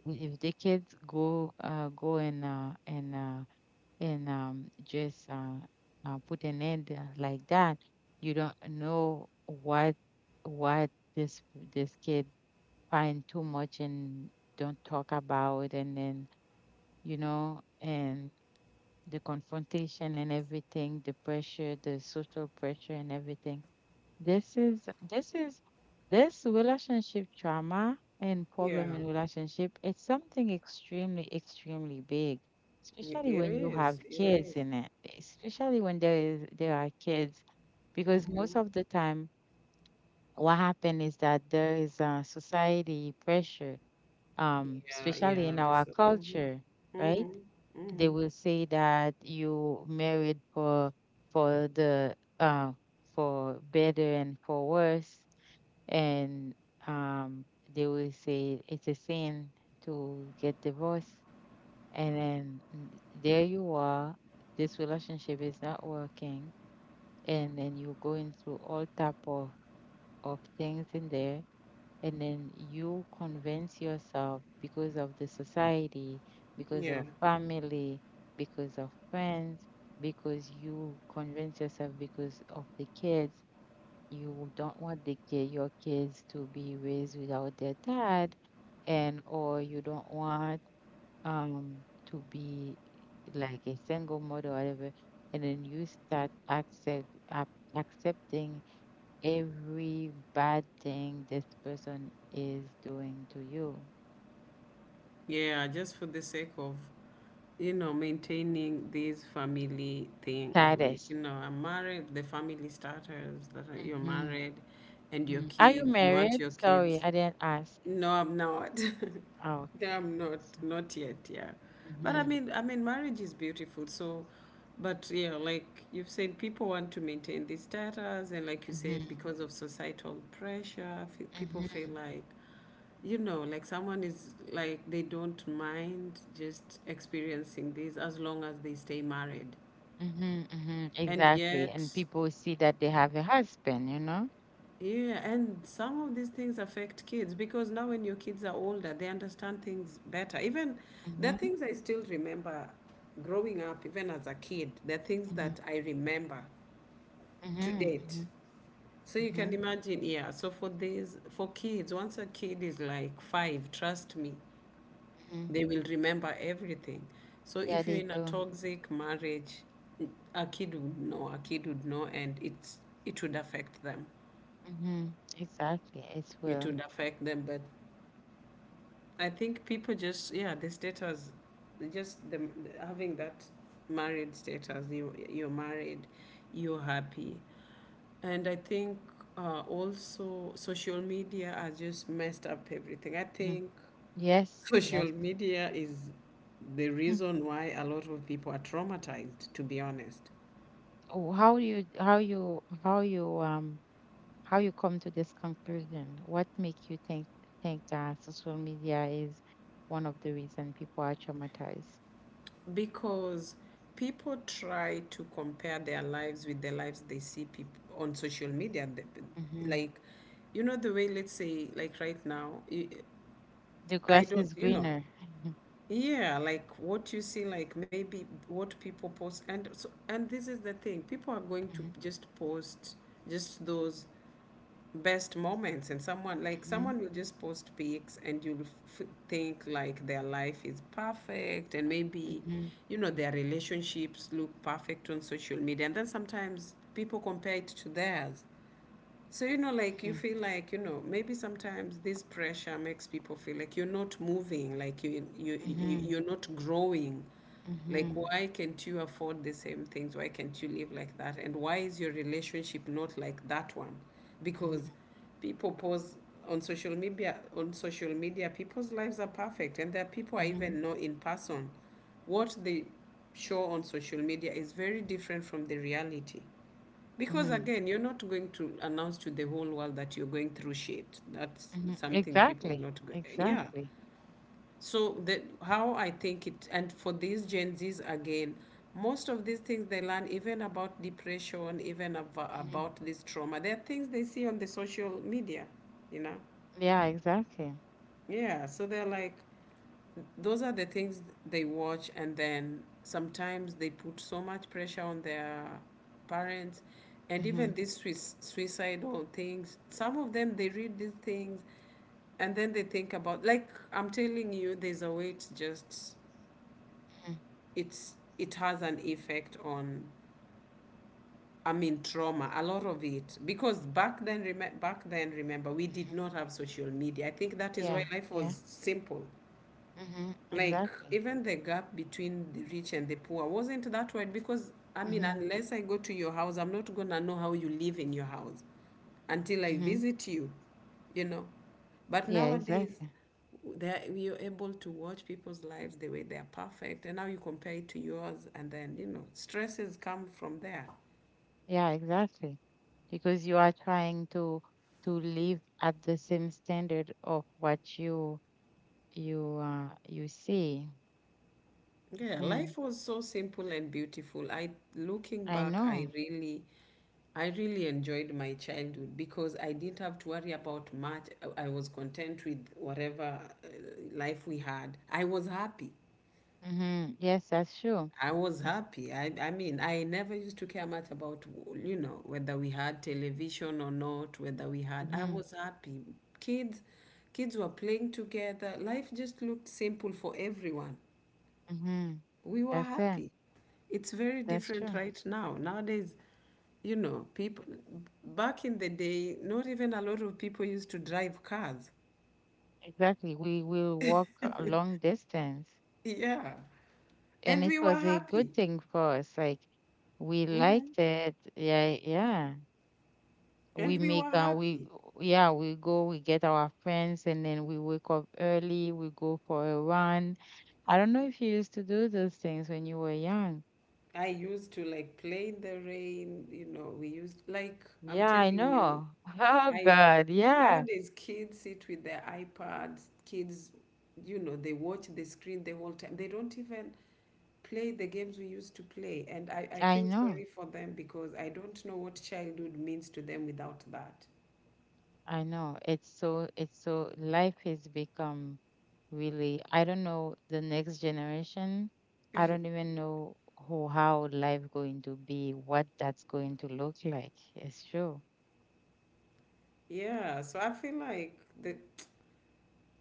S1: if the kids go go and just put an end like that, you don't know what this this kid find too much and don't talk about and then, you know, and the confrontation and everything, the pressure, the social pressure and everything. This is this relationship trauma and
S2: Yeah,
S1: problem in relationship. It's something extremely, extremely big, especially
S2: it
S1: when you have
S2: is, it
S1: kids
S2: is.
S1: in it, especially when there are kids, because most
S2: Mhm.
S1: of the time what happened is that there is a society pressure,
S2: Yeah,
S1: especially
S2: yeah,
S1: in our
S2: this, mhm.
S1: culture, right?
S2: Mhm.
S1: They
S2: Mhm.
S1: will say that you married for the for better and for worse, and um, they will say it's a sin to get divorced, and then there you are, this relationship is not working, and then you're going through all type of things in there, and then you convince yourself because of the society, because
S2: Yeah,
S1: of family, because of friends, because you convince yourself because of the kids. You don't want the kid, your kids to be raised without their dad, and or you don't want um to be like a single mother or whatever, and then you start accepting every bad thing this person is doing to you.
S2: yeah, just for the sake of, you know, maintaining this family thing. Like,
S1: Titus.
S2: you know, I'm married, the family starters that are, you're
S1: Mm-hmm.
S2: married, and your
S1: Are you
S2: kids, you want
S1: married?
S2: your
S1: Sorry,
S2: kids.
S1: I didn't ask.
S2: No, I'm not.
S1: Oh,
S2: No,
S1: okay.
S2: I'm not.
S1: So,
S2: Not yet, yeah. But
S1: hmm
S2: marriage is beautiful. So, but yeah, like you've said, people want to maintain this status, and like you said,
S1: hmm
S2: because of societal pressure, people feel
S1: hmm
S2: like, you know, like someone is like they don't mind just experiencing this as long as they stay married. And
S1: Exactly. And
S2: yet,
S1: people see that they have a husband, you know?
S2: yeah, and some of these things affect kids because now when your kids are older, they understand things better. Even there are
S1: Mm-hmm,
S2: things I still remember growing up, even as a kid, there are things
S1: mm-hmm,
S2: that I remember
S1: mm-hmm,
S2: to date.
S1: mm-hmm,
S2: So you
S1: mm-hmm.
S2: can imagine, yeah. So for these, for kids, once a kid is like 5, trust me, they will remember everything. So
S1: Yeah,
S2: if you're
S1: they
S2: in a
S1: do.
S2: toxic marriage, a kid would know, a kid would know, and it's, it would affect them.
S1: Mm-hmm. Exactly. It's
S2: It
S1: will.
S2: would affect them, but I think people just yeah the status, just the having that married status. You're married, you're happy, and I think also social media has just messed up everything. I
S1: Mhm.
S2: think
S1: Yes,
S2: social
S1: yes.
S2: media is the
S1: Hmm.
S2: reason why a lot of people are traumatized. To be honest,
S1: Oh, how you come to this conclusion? What make you think that social media is one of the reason people are traumatized?
S2: because people try to compare their lives with the lives they see people on social media.
S1: Hmm
S2: Like, you know, the way, let's say, like right now i
S1: The
S2: I
S1: grass
S2: don't,
S1: is
S2: you know,
S1: greener.
S2: yeah, like what you see, like maybe what people post, and so, and this is the thing, people are going to
S1: Mhm,
S2: just post just those best moments, and someone like
S1: mhm,
S2: someone will just post pics, and you'll think like their life is perfect, and maybe,
S1: mhm,
S2: you know, their relationships look perfect on social media, and then sometimes people compare it to theirs. So, you know, like you
S1: mhm,
S2: feel like, you know, maybe sometimes this pressure makes people feel like you're not moving, like you you, you
S1: mhm,
S2: you're not growing. Like
S1: mhm,
S2: why can't you afford the same things? Why can't you live like that? And why is your relationship not like that one?
S1: mhm,
S2: Because people pose on social media, people's lives are perfect, and there are people I
S1: mhm,
S2: even know in person. What they show on social media is very different from the reality. Because
S1: mhm,
S2: again, you're not going to announce to the whole world that you're going through shit. That's
S1: mhm.
S2: something people are
S1: Exactly,
S2: not going. Yeah.
S1: exactly.
S2: So the how I think it, and for these Gen Zs again, most of these things they learn, even about depression,
S1: hmm
S2: about this trauma, they're things they see on the social media. You know.
S1: Yeah, exactly.
S2: Yeah. So they're like, those are the things they watch, and then sometimes they put so much pressure on their parents. And
S1: hmm
S2: even these suicidal things, some of them, they read these things and then they think about, like, I'm telling you, there's a way. It's just,
S1: hmm
S2: it's it has an effect on, I mean, trauma, a lot of it, because back then, remember, we did not have social media. I think that is
S1: Yeah,
S2: why life
S1: yeah.
S2: was simple.
S1: hmm
S2: Like,
S1: Exactly.
S2: even the gap between the rich and the poor wasn't that wide, because I mean,
S1: hmm
S2: unless I go to your house, I'm not gonna know how you live in your house until I
S1: hmm
S2: visit you, you know. But
S1: Yeah,
S2: nowadays,
S1: exactly.
S2: you're able to watch people's lives the way they're perfect, and now you compare it to yours, and then, you know, stresses come from there.
S1: Yeah, exactly. Because you are trying to live at the same standard of what you you see.
S2: Yeah,
S1: Mm,
S2: life was so simple and beautiful. I, looking
S1: I
S2: back,
S1: know.
S2: I really, I really enjoyed my childhood because I didn't have to worry about much. I was content with whatever uh, life we had. I was happy.
S1: Mm-hmm. Yes, that's true.
S2: I was happy. I mean, I never used to care much about, you know, whether we had television or not, whether we had, I
S1: Mm-hmm.
S2: was happy. Kids, kids were playing together. Life just looked simple for everyone.
S1: Mm-hmm.
S2: We were
S1: That's it.
S2: happy. It's very
S1: That's
S2: different
S1: true.
S2: right now. Nowadays, you know, people back in the day, not even a lot of people used to drive cars.
S1: Exactly. We will walk a long distance.
S2: Yeah.
S1: And
S2: And
S1: it
S2: we were
S1: was a
S2: happy.
S1: good thing for us. Like we
S2: hmm
S1: liked it. Yeah, yeah.
S2: And
S1: we
S2: we
S1: make
S2: were
S1: we
S2: happy.
S1: Yeah, we go we get our friends and then we wake up early, we go for a run. I don't know if you used to do those things when you were young.
S2: I used to like play in the rain, you know, we used, like, I'm
S1: Yeah, I
S2: telling you,
S1: know. Oh
S2: I,
S1: god, yeah.
S2: nowadays kids sit with their iPads. Kids, you know, they watch the screen the whole time. They don't even play the games we used to play. And I
S1: I
S2: feel
S1: know,
S2: sorry for them because I don't know what childhood means to them without that.
S1: I know, it's so life has become really, I don't know the next generation, I don't even know who how life going to be, what that's going to look like. It's true.
S2: Yeah, so I feel like the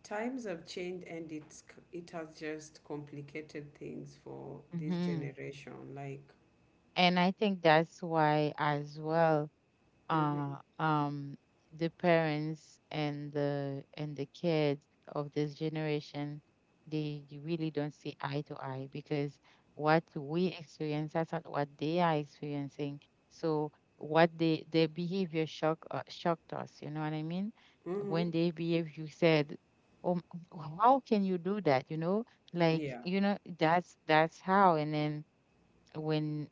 S2: times have changed, and it has just complicated things for this
S1: Hmm
S2: generation. Like,
S1: And I think that's why as well
S2: mm-hmm,
S1: uh um the parents and the kids of this generation, they really don't see eye to eye because what we experience that's not what they are experiencing. So what they, their behavior shock shocked us, you know what I mean?
S2: mm-hmm,
S1: When they behave, you said, oh m- how can you do that? You know, like
S2: yeah,
S1: you know that's how. And then when,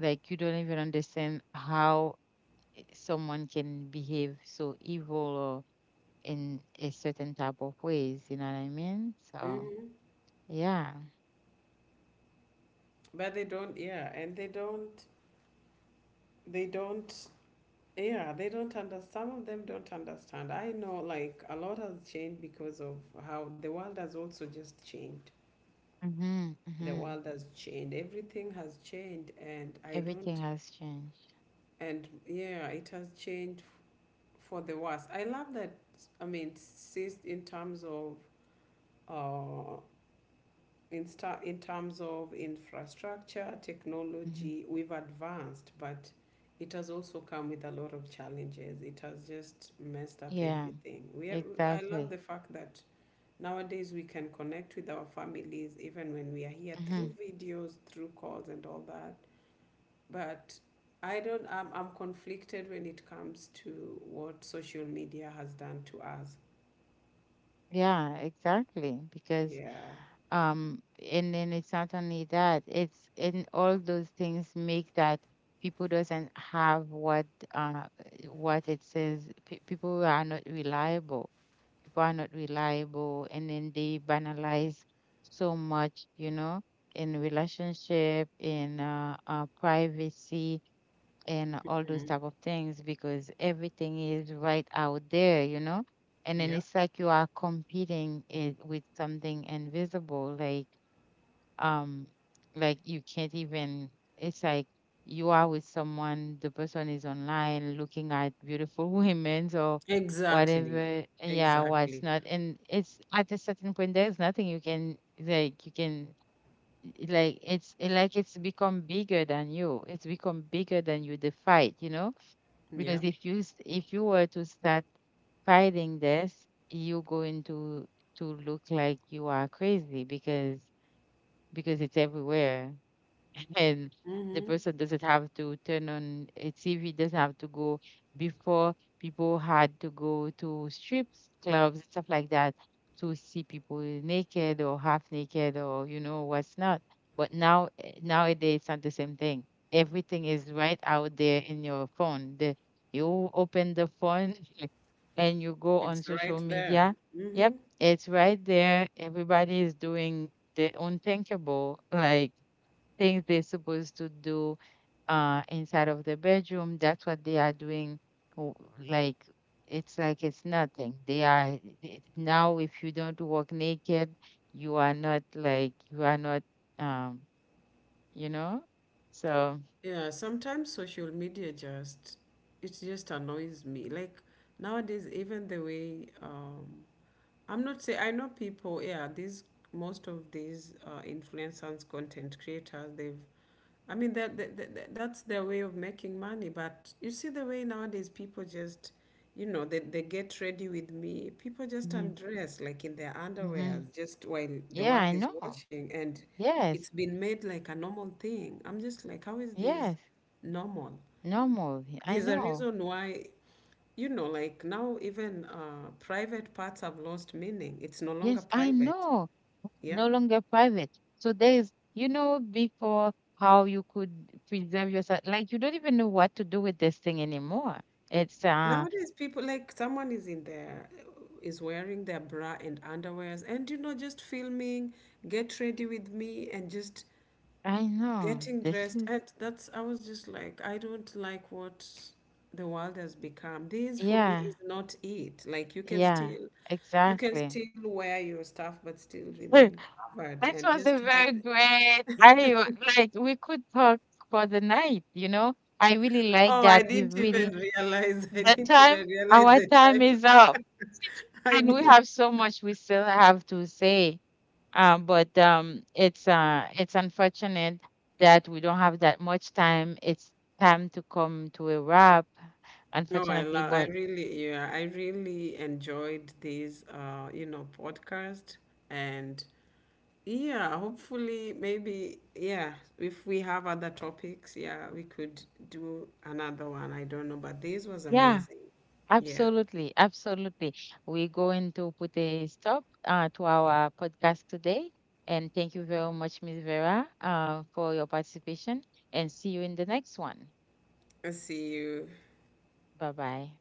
S1: like, you don't even understand how someone can behave so evil or in a certain type of ways, you know what I mean? So
S2: mm-hmm.
S1: yeah.
S2: But they don't, yeah, and they don't, yeah, they don't understand. Some of them don't understand. I know, like, a lot has changed because of how the world has also just changed.
S1: Mm-hmm,
S2: The
S1: mm-hmm.
S2: world has changed, everything has changed, and I
S1: Everything
S2: don't,
S1: has changed.
S2: and yeah, it has changed for the worse. I love that. I mean, since in terms of uh in terms of infrastructure,
S1: Hmm
S2: technology, we've advanced, but it has also come with a lot of challenges. It has just messed up
S1: Yeah,
S2: everything we are. I love
S1: exactly.
S2: the fact that nowadays we can connect with our families even when we are here,
S1: hmm
S2: through videos, through calls and all that. But I don't. I'm conflicted when it comes to what social media has done to us.
S1: Yeah, exactly. Because
S2: Yeah.
S1: um, and then it's not only that, it's and all those things make that people doesn't have uh what it says. Pe People are not reliable. People are not reliable, and then they banalize so much, you know, in relationship, in privacy and all those
S2: Mm.
S1: type of things, because everything is right out there, you know. And then
S2: Yeah,
S1: it's like you are competing it with something invisible, like um, like you can't even, it's like you are with someone, the person is online looking at beautiful women or
S2: exactly.
S1: whatever, yeah, what's
S2: Exactly.
S1: not, and it's at a certain point there's nothing you can, like you can, like it's like it's become bigger than you, the fight, you know, because
S2: Yeah.
S1: if you were to start fighting this, you're going to look like you are crazy, because it's everywhere and the
S2: Mm-hmm.
S1: person doesn't have to turn on a TV, doesn't have to go. Before, people had to go to strip clubs and stuff like that to see people naked or half naked or you know what's not. But now, eh, nowadays, it's not the same thing. Everything is right out there in your phone. The, you open the phone and you go on
S2: It's
S1: social
S2: right there.
S1: media.
S2: Mm-hmm.
S1: Yep, it's right there. Everybody is doing the unthinkable. Like things they're supposed to do inside of the bedroom, that's what they are doing, w- like like it's nothing, they are now if you don't walk naked, you are not, like you are not, um, you know, so
S2: Yeah, sometimes social media just, it just annoys me. Like, nowadays, even the way I'm not say I know people. Yeah, these, most of these influencers, content creators, they've. I mean, that's their way of making money. But you see the way nowadays people just, you know, they get ready with me, people just
S1: mhm,
S2: undress, like, in their underwear,
S1: mhm.
S2: just while the
S1: Yeah, I
S2: world is
S1: know.
S2: watching, and
S1: Yes,
S2: it's been made like a normal thing. I'm just like, how is this
S1: yes.
S2: normal?
S1: Normal, I
S2: There's a
S1: know.
S2: reason why, you know, like, now even private parts have lost meaning. It's no longer
S1: Yes, I
S2: private.
S1: know.
S2: Yeah.
S1: No longer private. So there is, you know, before how you could preserve yourself, like you don't even know what to do with this thing anymore. It's,
S2: Nowadays people, like, someone is in there, is wearing their bra and underwears and, you know, just filming, get ready with me, and just
S1: I know,
S2: getting
S1: this
S2: dressed.
S1: is,
S2: And that's, I was just like, I don't like what the world has become. This for me
S1: yeah,
S2: is not it. Like, you can
S1: yeah,
S2: still, you can
S1: exactly.
S2: still wear your stuff but still remain
S1: That
S2: covered and
S1: was
S2: just
S1: a
S2: hide.
S1: very great, I like, we could talk for the night, you know. I really like
S2: Oh, I
S1: that. We've
S2: didn't even
S1: really,
S2: realize I
S1: the
S2: didn't
S1: time,
S2: even realize
S1: our
S2: the
S1: time is up.
S2: time. I
S1: And we
S2: did.
S1: have so much we still have to say. But it's unfortunate that we don't have that much time. It's time to come to a wrap,
S2: No, I
S1: unfortunately.
S2: love, I
S1: But
S2: really, yeah, I really enjoyed this, you know, podcast. And yeah, hopefully, maybe, yeah, if we have other topics, yeah, we could do another one. I don't know, but this was
S1: yeah,
S2: amazing. Yeah.
S1: absolutely, absolutely. We're going to put a stop to our podcast today. And thank you very much, Miss Vera, for your participation. And see you in the next one.
S2: I'll see you.
S1: Bye bye.